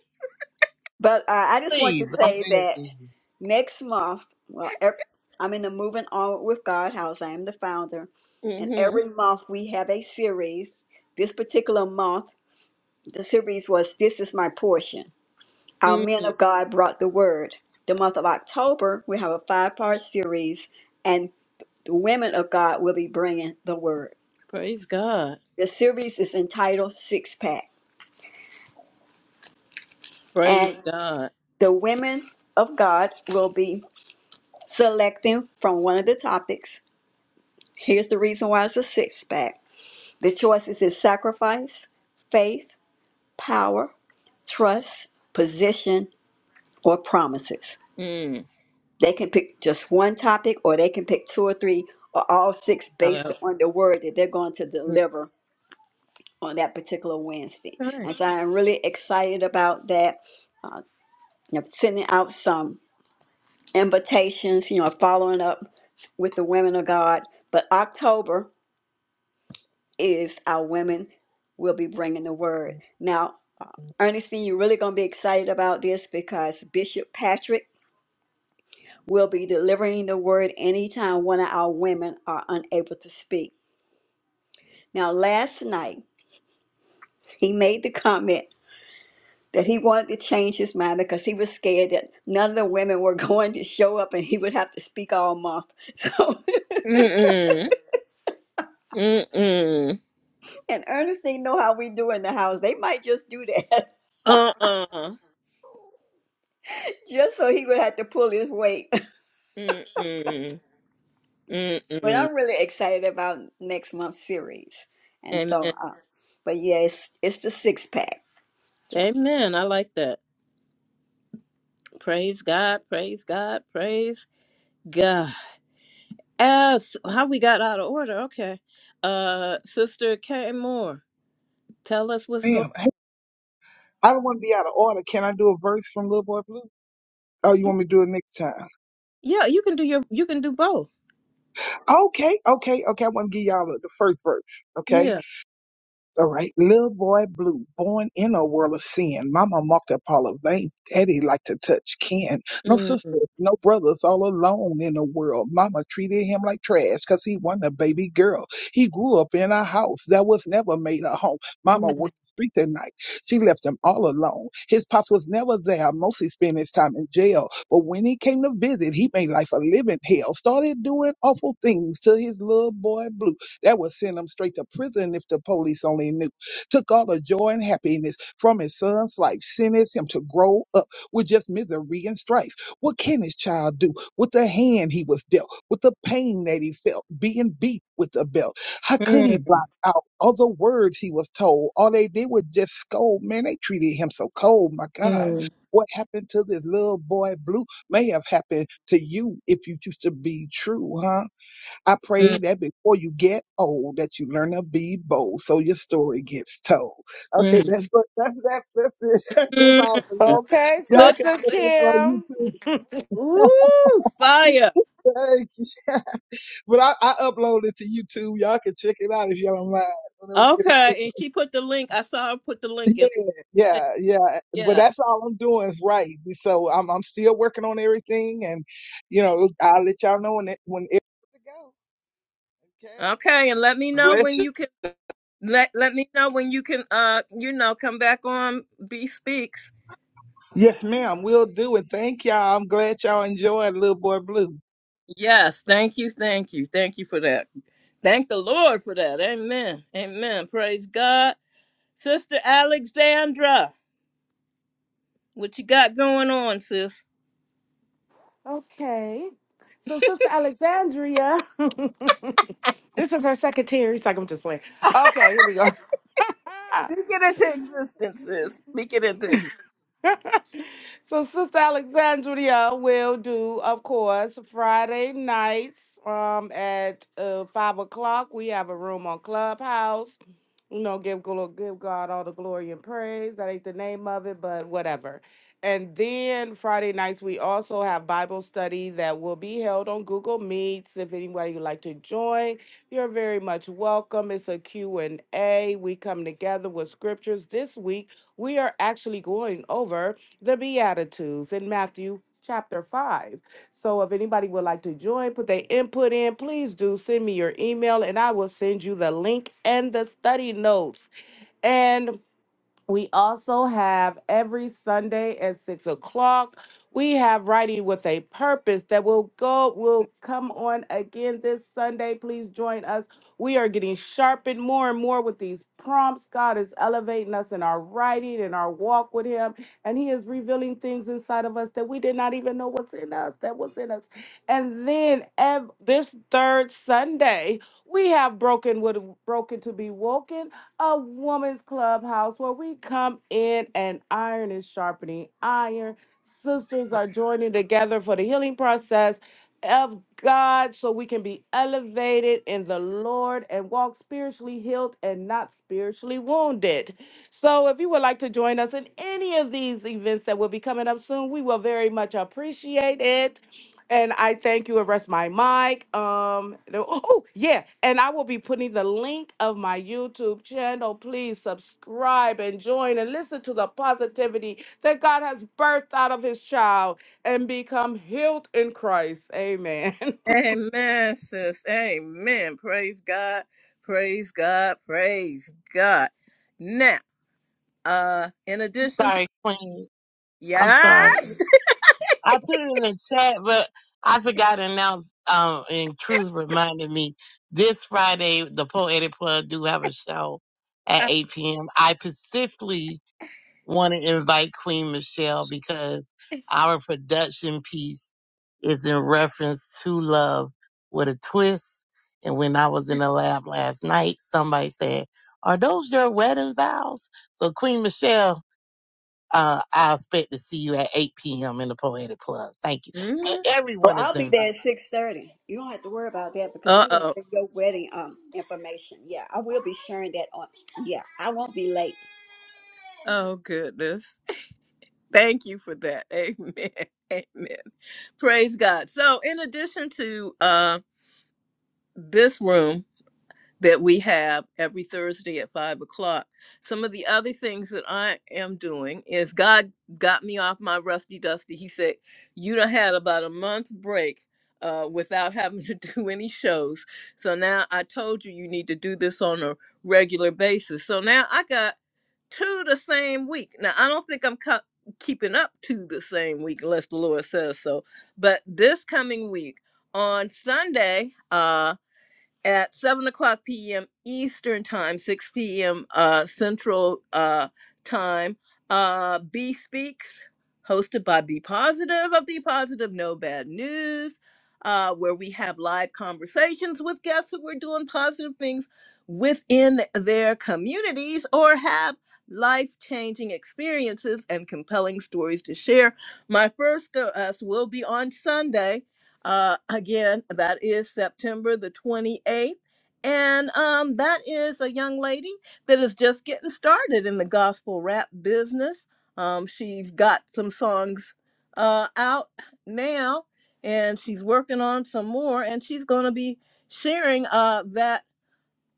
But uh, I just want to Please, I'm say begging that you. next month, well, ev- I'm in the Moving On with God house. I am the founder. And Mm-hmm. every month we have a series. This particular month, the series was This is My Portion. Our men of Mm-hmm. God brought the word. The month of October, we have a five part series, and the women of God will be bringing the word. The series is entitled Six Pack. And the women of God will be Selecting from one of the topics, here's the reason why it's a six pack. The choices is sacrifice, faith, power, trust, position, or promises. Mm. They can pick just one topic, or they can pick two or three, or all six based Uh, on the word that they're going to deliver on that particular Wednesday. Okay. And so I'm really excited about that. I'm sending out some invitations, you know, following up with the women of God. But October. is our women will be bringing the word. Now, Ernestine, you're really going to be excited about this because Bishop Patrick will be delivering the word anytime one of our women are unable to speak. Now, last night, he made the comment that he wanted to change his mind because he was scared that none of the women were [laughs] going to show up and he would have to speak all month. [laughs] So, Mm-mm. Mm-mm. and Ernestine know how we do in the house. They might just do that Uh-uh. [laughs] just so he would have to pull his weight. Mm-mm. But Mm-mm. I'm really excited about next month's series. And so, Amen. uh, but yeah, it's, it's the six pack. So, Amen. I like that. Praise God. Praise God. Praise God. As how we got out of order. Okay. Uh Sister Kay Moore, tell us what's going Ma'am, hey, I don't want to be out of order. Can I do a verse from Little Boy Blue? Oh, you want me to do it next time? Yeah, you can do your you can do both. Okay, okay, okay. I want to give y'all the first verse. Okay. Yeah. All right. Little boy blue, born in a world of sin. Mama marked up all of veins. Daddy liked to touch Ken. No Mm, sisters, no brothers, all alone in the world. Mama treated him like trash because he wasn't a baby girl. He grew up in a house that was never made a home. Mama mm, worked the streets at night. She left him all alone. His pops was never there. Mostly spent his time in jail. But when he came to visit, he made life a living hell. Started doing awful things to his little boy blue that would send him straight to prison if the police only knew. Took all the joy and happiness from his son's life, sentenced him to grow up with just misery and strife. What can his child do with the hand he was dealt, with the pain that he felt, being beat with a belt? How could he mm, block out all the words he was told? All they did was just scold. Man, they treated him so cold. My God. mm, What happened to this little boy blue may have happened to you if you choose to be true, huh? I pray mm, that before you get old, that you learn to be bold, so your story gets told. Okay, [laughs] mm, that's what- that's that's that's it. [laughs] That's all for now. mm. Okay, Y'all Flip can Sister check click. it out on Kim. YouTube. Ooh, fire. Thank you. [laughs] but I, I upload it to YouTube. Y'all can check it out if y'all don't mind. Whenever you get a Okay. And chance. [laughs] she put the link. I saw her put the link in. Yeah, yeah, yeah. But Yes. that's all I'm doing is right. So I'm I'm still working on everything, and you know I'll let y'all know when it, when it's to go. Okay. Okay. And let me know Bless you. when you can. Let let me know when you can uh you know come back on B Speaks. Yes, ma'am. We'll do it. Thank y'all. I'm glad y'all enjoyed Little Boy Blue. Yes, thank you, thank you, thank you for that. Thank the Lord for that. Amen. Amen. Praise God. Sister Alexandra, what you got going on, sis? Okay. So, Sister Alexandria, [laughs] this is her secretary. He's like, I'm just playing. Okay, here we go. [laughs] Speak it into existence, sis. Speak it into existence. [laughs] so Sister Alexandria will do, of course, Friday nights um at uh, five o'clock. We have a room on Clubhouse. You know, give glo- give God all the glory and praise. That ain't the name of it, but whatever. And then Friday nights we also have Bible study that will be held on Google Meets. If anybody would like to join, you're very much welcome. It's a Q and A. We come together with scriptures this week we are actually going over the Beatitudes in Matthew chapter 5. So if anybody would like to join, put their input in, please do send me your email and I will send you the link and the study notes. And we also have every Sunday at six o'clock. We have writing with a purpose that will go will come on again this Sunday. Please join us. We are getting sharpened more and more with these prompts. God is elevating us in our writing and our walk with Him, and He is revealing things inside of us that we did not even know was in us. That was in us. And then ev- this third Sunday, we have broken with broken to be woken a woman's clubhouse where we come in and iron is sharpening iron. Sisters are joining together for the healing process of God so we can be elevated in the Lord and walk spiritually healed and not spiritually wounded. So if you would like to join us in any of these events that will be coming up soon, we will very much appreciate it. And I thank you and rest my mic. Um, the- oh oh, yeah, and I will be putting the link of my YouTube channel. Please subscribe and join and listen to the positivity that God has birthed out of His child and become healed in Christ. Amen. [laughs] Amen, sis. Amen. Praise God. Praise God. Praise God. Now, uh, in I'm addition to sorry, Queen. I'm sorry. yes. I put it in the chat, but I forgot to announce. Um, and Truth reminded me this Friday, the Poetic Plug do have a show at 8 p.m. I specifically want to invite Queen Michelle because our production piece is in reference to love with a twist. And when I was in the lab last night, somebody said, "Are those your wedding vows?" So Queen Michelle. Uh, I expect to see you at 8 p.m. in the Poetic Club. Thank you. But [laughs] oh, everyone is I'll be invited. there at six thirty. You don't have to worry about that because Uh I'm going to oh. have your wedding um information. Yeah, I will be sharing that on. Yeah, I won't be late. Oh, goodness. [laughs] Thank you for that. Amen. [laughs] Amen. Praise God. So, in addition to uh, this room, that we have every Thursday at five o'clock. Some of the other things that I am doing is God got me off my rusty dusty. He said, You done had about a month break uh, without having to [laughs] do any shows. So now I told you you need to do this on a regular basis. So now I got two the same week. Now I don't think I'm co- keeping up to the same week unless the Lord says so. But this coming week on Sunday, uh at 7 o'clock p.m. Eastern Time, 6 p.m. Uh, Central uh, Time. Uh, B Speaks, hosted by Be Positive of Be Positive No Bad News, uh, where we have live conversations with guests who are doing positive things within their communities or have life changing experiences and compelling stories to share. My first guest will be on Sunday uh, again, that is September the 28th. And um, that is a young lady that is just getting started in the gospel rap business. Um, she's got some songs uh, out now, and she's working on some more, and she's going to be sharing uh, that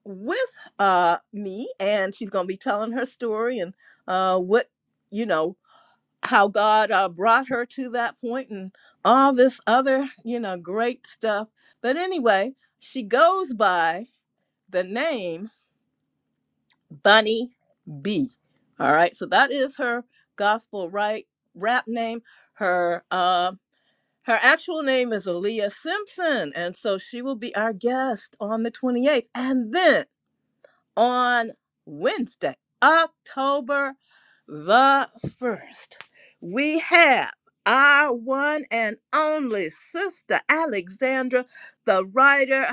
with uh, me, and she's going to be telling her story and uh, what, you know, how God uh, brought her to that point and all this other, you know, great stuff. But anyway, she goes by the name Bunny B. All right, so that is her gospel right rap name. Her uh, her actual name is Aaliyah Simpson, and so she will be our guest on the 28th. And then on Wednesday, October the 1st. We have our one and only sister Alexandra, the writer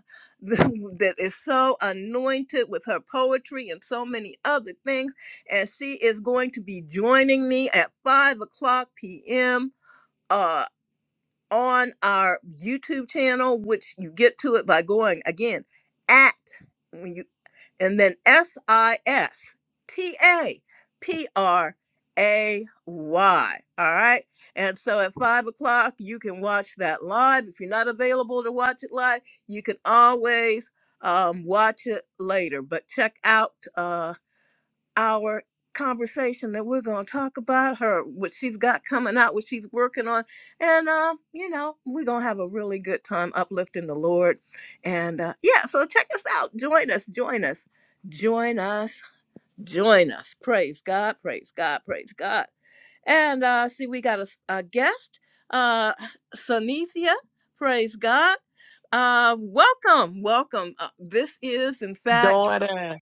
[laughs] that is so anointed with her poetry and so many other things. And she is going to be joining me at 5 o'clock p.m. Uh, on our YouTube channel, which you get to it by going again at when you and then S I S T A P R A Y. All right. And so at five o'clock, you can watch that live. If you're not available to watch it live, you can always um, watch it later. But check out. uh, our conversation that we're going to talk about her what she's got coming out what she's working on and um you know we're going to have a really good time uplifting the lord and uh, yeah so check us out join us join us join us join us praise god praise god praise god and uh see we got a a guest uh sunithia praise god uh welcome welcome uh, this is in fact Daughter,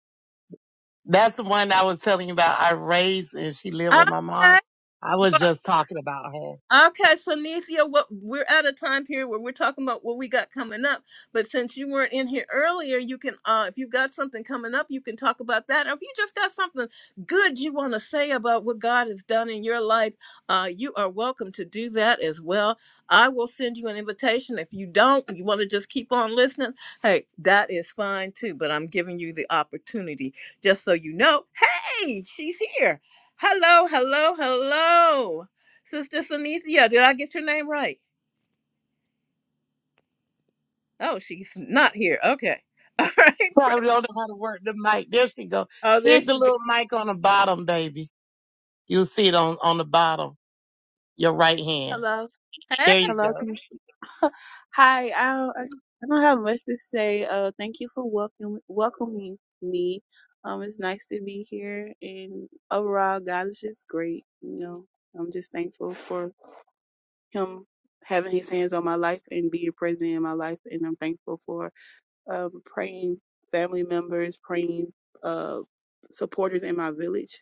that's the one I was telling you about. I raised and she lived with my mom. I okay, was just talking about her. Okay, so Nethia, what we're at a time period where we're talking about what we got coming up. But since you weren't in here earlier, you can uh if you've got something coming up, you can talk about that. Or if you just got something good you want to say about what God has done in your life, uh you are welcome to do that as well. I will send you an invitation. If you don't, you want to just keep on listening, hey, that is fine too. But I'm giving you the opportunity just so you know, hey, she's here. Hello, hello, hello. Sister Sunithia, did I get your name right? Oh, she's not here. Okay. [laughs] All right. Probably don't know how to work the mic. There she go. Oh, there Hit the she little goes. mic on the bottom, baby. You'll see it on, on the bottom, your right hand. Hello. Hey. There you Hello. go. Can you speak? [laughs] Hi. I don't, I I don't have much to say. Uh, thank you for welcome, welcoming me. Um, it's nice to be here, and overall, God is just great. You know, I'm just thankful for Him having His hands on my life and being present in my life, and I'm thankful for um praying family members, praying uh supporters in my village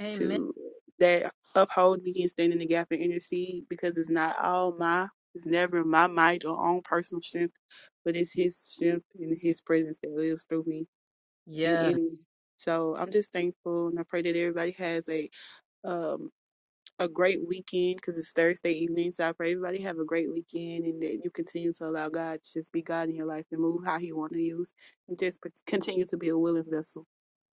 Amen. to that uphold me and stand in the gap and intercede because it's not all my it's never my might or own personal strength, but it's his strength and his presence that lives through me and Yes. in me. So I'm just thankful and I pray that everybody has a um a great weekend because it's Thursday evening. So I pray everybody have a great weekend and that you continue to allow God to just be God in your life and move how He want to use and just continue to be a willing vessel.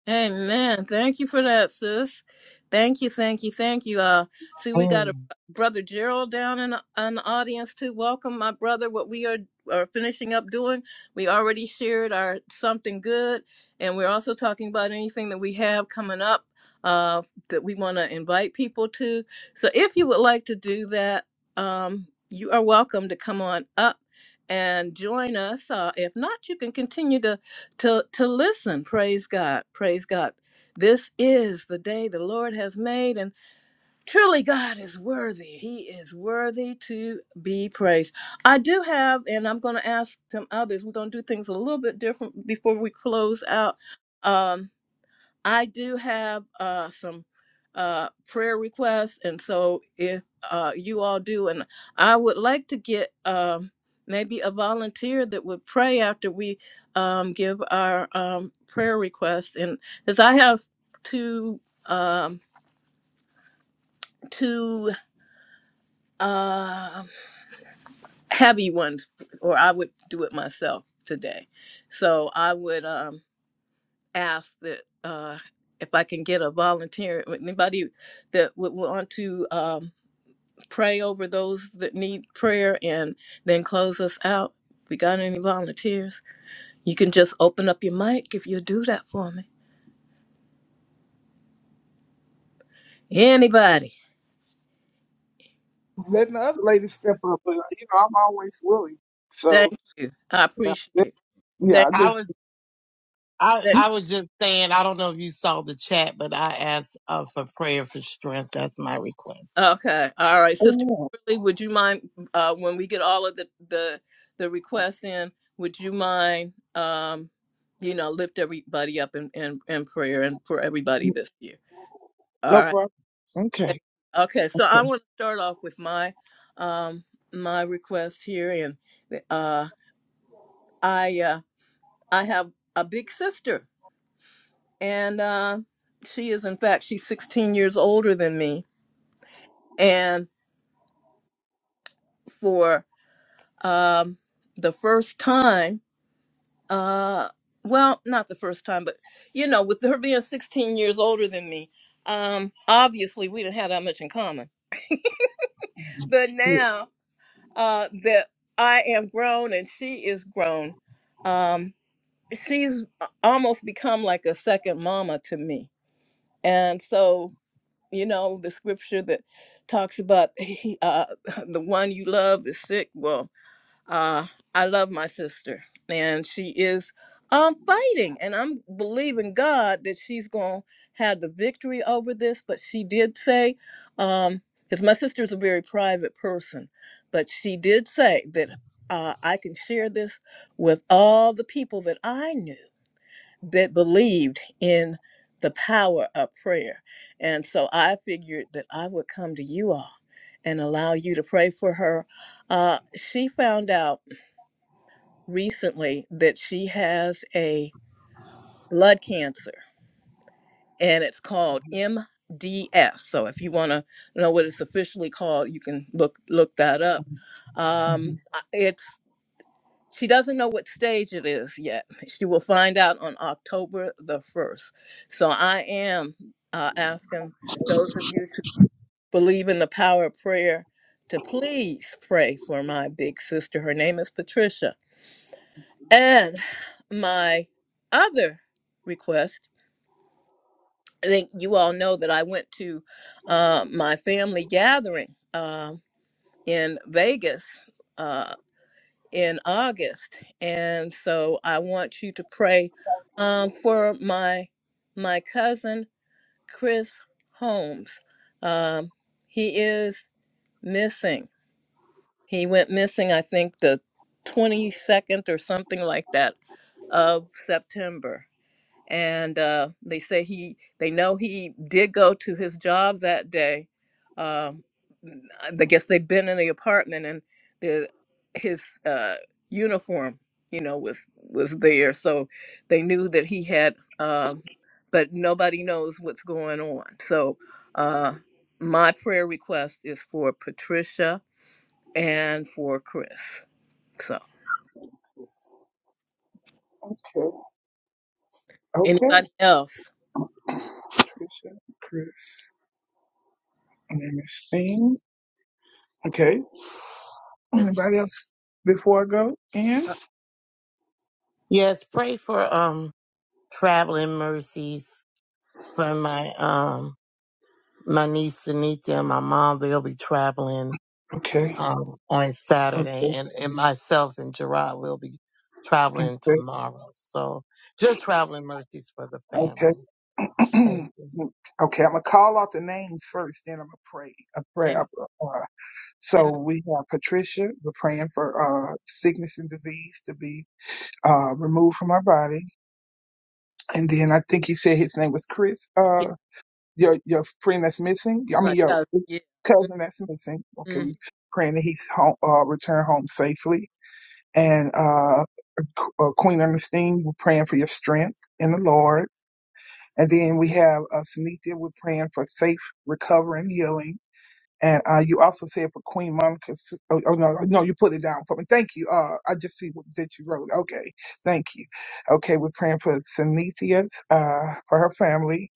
Amen. Thank you for that, sis. Thank you, thank you, thank you. Uh, see, we got a Mm. brother Gerald down in, in the audience to welcome my brother. What we are are finishing up doing, we already shared our something good, and we're also talking about anything that we have coming up uh, that we want to invite people to. So, if you would like to do that, um, you are welcome to come on up and join us. Uh, if not, you can continue to to listen praise god praise god this is the day the lord has made and truly god is worthy he is worthy to be praised i do have and i'm going to ask some others we're going to do things a little bit different before we close out Um, I do have uh, some uh, prayer requests, and so if uh, you all do, and I would like to get um, maybe a volunteer that would pray after we um, give our um, prayer requests, and because I have two um, two uh, heavy ones, or I would do it myself today. So I would. um, ask that uh, if I can get a volunteer, anybody that would want to um, pray over those that need prayer and then close us out. We got any volunteers? You can just open up your mic if you'll do that for me. Anybody. Letting the other ladies step up, but you know, I'm always willing. So, Thank you. I yeah, appreciate it. yeah, Thank I I just, was I, you. I was just saying, I don't know if you saw the chat, but I asked uh, for prayer for strength. That's my request. Okay. All right. Sister amen. Kimberly, would you mind uh when we get all of the the the requests in, would you mind um you know, lift everybody up in in, in prayer and for everybody this year. All No right. problem. Thank- Okay. Okay. So I want to start off with my um my request here and uh I uh I have a big sister and uh she is in fact she's 16 years older than me and for um the first time Uh, well, not the first time, but you know, with her being 16 years older than me, um, obviously we didn't have that much in common. But Yeah. now uh, that I am grown and she is grown, um, she's uh, almost become like a second mama to me. And so, you know, the scripture that talks about [laughs] uh, the one you love is sick. Well, uh, I love my sister, and she is um, fighting, and I'm believing God that she's going to have the victory over this. But she did say, um, because my sister is a very private person, but she did say that uh, I can share this with all the people that I knew that believed in the power of prayer. And so I figured that I would come to you all and allow you to pray for her. Uh, she found out recently that she has a blood cancer and it's called MDS. So if you want to know what it's officially called, you can look look that up. Um, Mhm. it's she doesn't know what stage it is yet. She will find out on October the first. So I am uh, asking those of you to believe in the power of prayer to please pray for my big sister. Her name is Patricia And my other request, I think you all know that I went to uh, my family gathering um, in Vegas uh, in August, and so I want you to pray um, for my my cousin Chris Holmes. Um, he is missing. He went missing, I think, the 22nd or something like that of September and uh, they say he they know he did go to his job that day. Um, I guess they've been in the apartment and the his uh, uniform, you know, was was there, so they knew that he had. Um, but nobody knows what's going on. So uh, my prayer request is for Patricia and for Chris. So Okay. Okay. anybody else? Trisha, Chris, and then Miss Thing. Okay. Anybody else before I go in? Yes, pray for um traveling mercies for my um my niece Anita and my mom. They'll be traveling Okay. um on Saturday, Okay. and and myself and Gerard will be traveling Okay. tomorrow. So just traveling mercies for the Okay. family. [clears throat] Thank okay. you. I'm gonna call out the names first, then I'm gonna pray. A And, prayer. So and we have Patricia. We're praying for uh, sickness and disease to be uh, removed from our body. And then I think you said his name was Chris. yeah, Uh, your your friend that's missing. I mean my your cousin. cousin that's missing. Okay, Yeah. we praying that he's home, uh, return home safely. And uh, uh, Queen Ernestine, we're praying for your strength in the Lord. And then we have uh, Sunitha. We're praying for safe recovery and healing And uh, you also said for Queen Monica. S- Oh, oh no, no, you put it down for me. Thank you. Uh, I just see what, that you wrote. Okay, thank you. Okay, we're praying for Synesius, uh, for her family,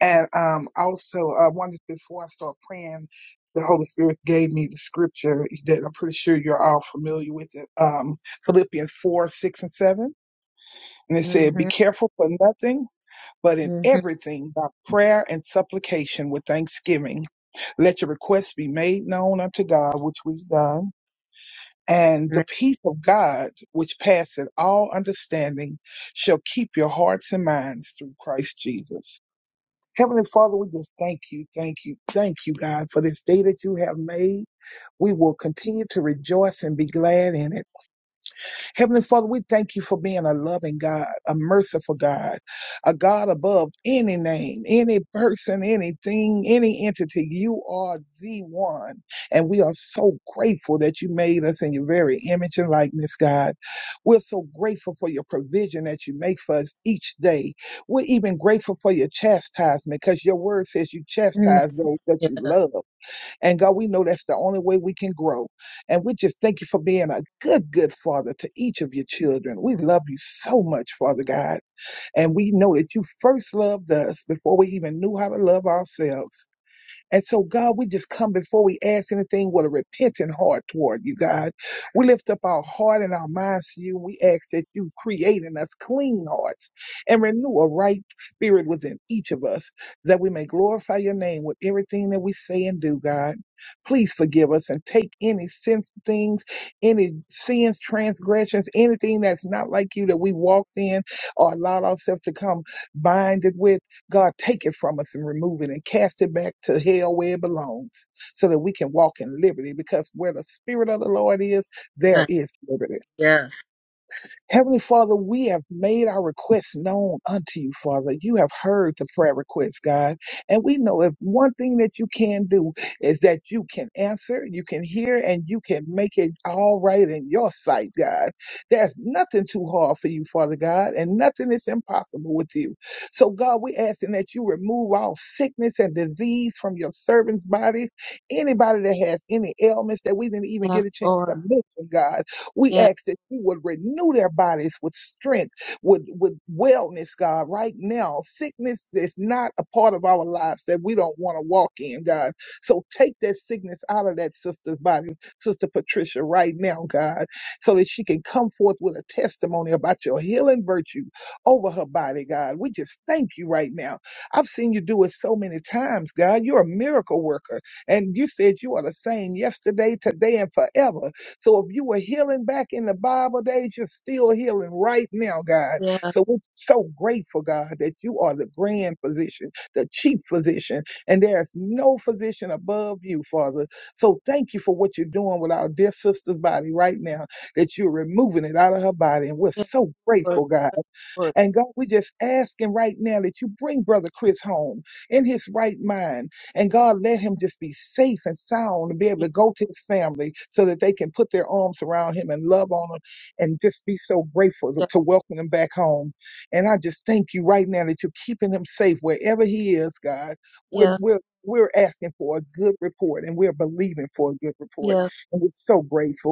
and um, also I uh, wanted before I start praying, the Holy Spirit gave me the scripture that I'm pretty sure you're all familiar with it. Um, Philippians four, six, and seven, and it said, "Be Mhm, careful for nothing." but in mhm, everything by prayer and supplication with thanksgiving. Let your requests be made known unto God, which we've done. And the peace of God, which passeth all understanding, shall keep your hearts and minds through Christ Jesus. Heavenly Father, we just thank you, thank you, thank you, God, for this day that you have made. We will continue to rejoice and be glad in it. Heavenly Father, we thank you for being a loving God, a merciful God, a God above any name, any person, anything, any entity. You are the one. And we are so grateful that you made us in your very image and likeness, God. We're so grateful for your provision that you make for us each day. We're even grateful for your chastisement because your word says you mhm. chastise those that Yeah, you love. And God, we know that's the only way we can grow. And we just thank you for being a good, good father to each of your children. We love you so much, Father God. And we know that you first loved us before we even knew how to love ourselves. And so, God, we just come before we ask anything with a repentant heart toward you, God. We lift up our heart and our minds to you. We ask that you create in us clean hearts and renew a right spirit within each of us, that we may glorify your name with everything that we say and do, God. Please forgive us and take any sin things, any sins, transgressions, anything that's not like you that we walked in or allowed ourselves to come binded with. God, take it from us and remove it and cast it back to hell where it belongs so that we can walk in liberty because where the Spirit of the Lord is, there yeah, is liberty. yes. Heavenly Father, we have made our requests known unto you, Father. You have heard the prayer requests, God. And we know if one thing that you can do is that you can answer, you can hear, and you can make it all right in your sight, God. There's nothing too hard for you, Father God, and nothing is impossible with you. So, God, we asking that you remove all sickness and disease from your servants' bodies. Anybody that has any ailments that we didn't even Yes, get a chance to Lord. mention, God. We Yeah, ask that you would renew their bodies with strength, with, with wellness, God, right now. Sickness is not a part of our lives that we don't want to walk in, God. So take that sickness out of that sister's body, Sister Patricia, right now, God, so that she can come forth with a testimony about your healing virtue over her body, God. We just thank you right now. I've seen you do it so many times, God. You're a miracle worker. And you said you are the same yesterday, today, and forever. So if you were healing back in the Bible days, you're still healing right now, God. yeah, So we're so grateful, God, that you are the grand physician, the chief physician, and there's no physician above you, Father. So thank you for what you're doing with our dear sister's body right now, that you're removing it out of her body. And we're yes, so Lord. grateful, God. Yes, Lord. And God, we just asking right now that you bring Brother Chris home in his right mind. And God, let him just be safe and sound and be able to go to his family so that they can put their arms around him and love on him and just be so grateful to, Yes, to welcome him back home. And I just thank you right now that you're keeping him safe wherever he is, God. We're, yes, we're, we're asking for a good report and we're believing for a good report. yes, And we're so grateful.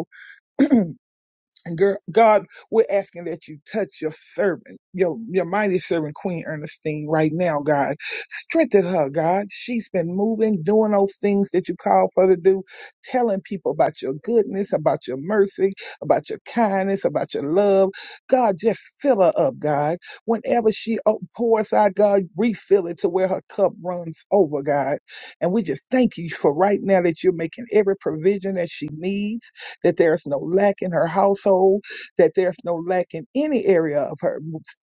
And girl, God, we're asking that you touch your servant, your, your mighty servant, Queen Ernestine, right now, God. Strengthen her, God. She's been moving, doing those things that you call for her to do, telling people about your goodness, about your mercy, about your kindness, about your love. God, just fill her up, God. Whenever she o- pours out, God, refill it to where her cup runs over, God. And we just thank you for right now that you're making every provision that she needs that there's no lack in her household, that there's no lack in any area of her,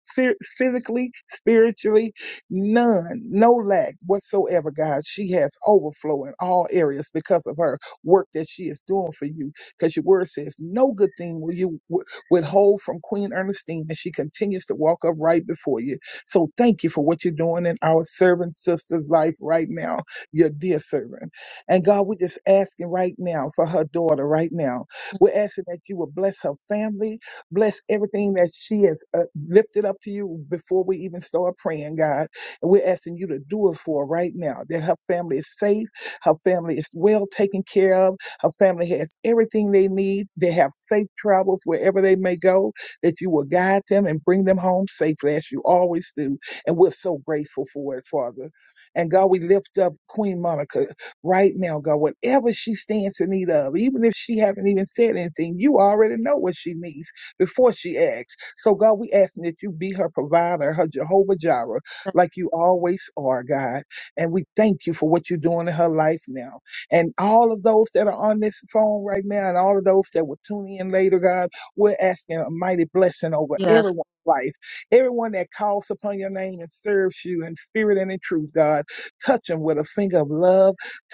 spir- physically, spiritually, none, no lack whatsoever, God. She has overflow in all areas because of her work that she is doing for you. Because your word says, no good thing will you wi- withhold from Queen Ernestine, and she continues to walk up right before you. So thank you for what you're doing in our servant sister's life right now, your dear servant. And God, we're just asking right now for her daughter right now. We're asking that you will bless her family, bless everything that she has uh, lifted up to you before we even start praying, God. And we're asking you to do it for her right now, that her family is safe, her family is well taken care of, her family has everything they need. They have safe travels wherever they may go, that you will guide them and bring them home safely as you always do. And we're so grateful for it, Father. And God, we lift up Queen Monica right now, God, whatever she stands in need of, even if she haven't even said anything, you already know what she needs before she asks. So God, we asking that you be her provider, her Jehovah Jireh, yes, like you always are, God. And we thank you for what you're doing in her life now. And all of those that are on this phone right now and all of those that will tune in later, God, we're asking a mighty blessing over yes. everyone's life. Everyone that calls upon your name and serves you in spirit and in truth, God, touch them with a finger of love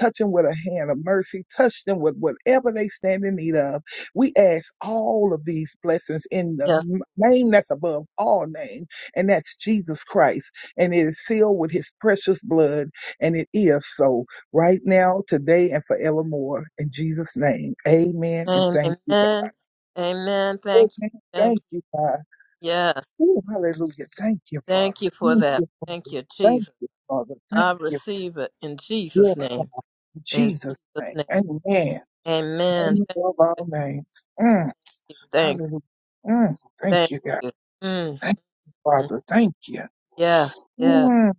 Touch them with a hand of mercy. Touch them with whatever they stand in need of. We ask all of these blessings in the yes. m- name that's above all names, and that's Jesus Christ. And it is sealed with his precious blood. And it is so right now, today, and forevermore. In Jesus' name. Amen. And Amen. thank you, God. Amen. Amen. Oh, Thank you. man, Thank Thank you. you, God. Yes. Ooh, hallelujah. Thank you, Father. Thank you for Thank that. you, Thank Father. you, Thank Jesus. you, Father. I Thank you. receive it in Yeah, Jesus' name. in In Jesus' Jesus' name. name. Amen. Amen. name Thank above you. all names. Mm, Thank you. hallelujah. Mm, thank Thank you, God. you. Mm. Thank you, mm. Father. Thank you. Yes. Yes. Mm,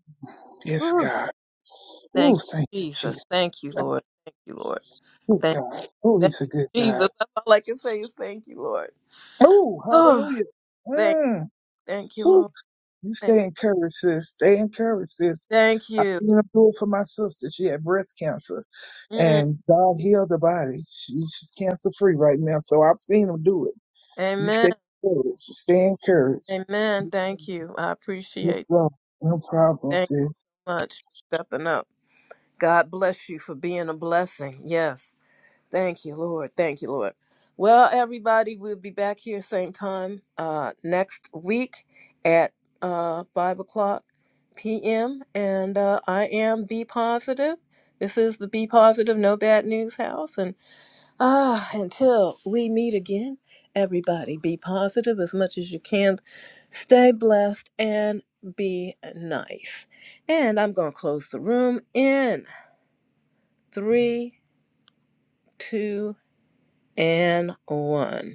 yes, Whew. God. Thank Oh, you, thank you, Jesus. Jesus. Thank you, Thank Lord. Thank you, Lord. you, Thank, God. Oh, thank he's a good you, God. Jesus. That's all I can say is thank you, Lord. Oh, Oh, hallelujah. thank, Mm, thank you, ooh, Lord. you Thank, stay encouraged, sis. Stay encouraged, sis. thank I you. even pulled for my sister. She had breast cancer, Mm. and God healed her body. She, she's cancer free right now. So I've seen him do it. You Amen. stay encouraged. You stay Amen. encouraged. Thank you. I Yes, appreciate. sir. No problem, Thank sis. you much for stepping up. God bless you for being a blessing. Yes. Thank you, Lord. Thank you, Lord. Well, everybody, we'll be back here same time uh, next week at uh, 5 o'clock p.m. And uh, I am Be Positive. This is the Be Positive No Bad News House. And ah, until we meet again, everybody, be positive as much as you can. Stay blessed and be nice. And I'm going to close the room in three, two, and one.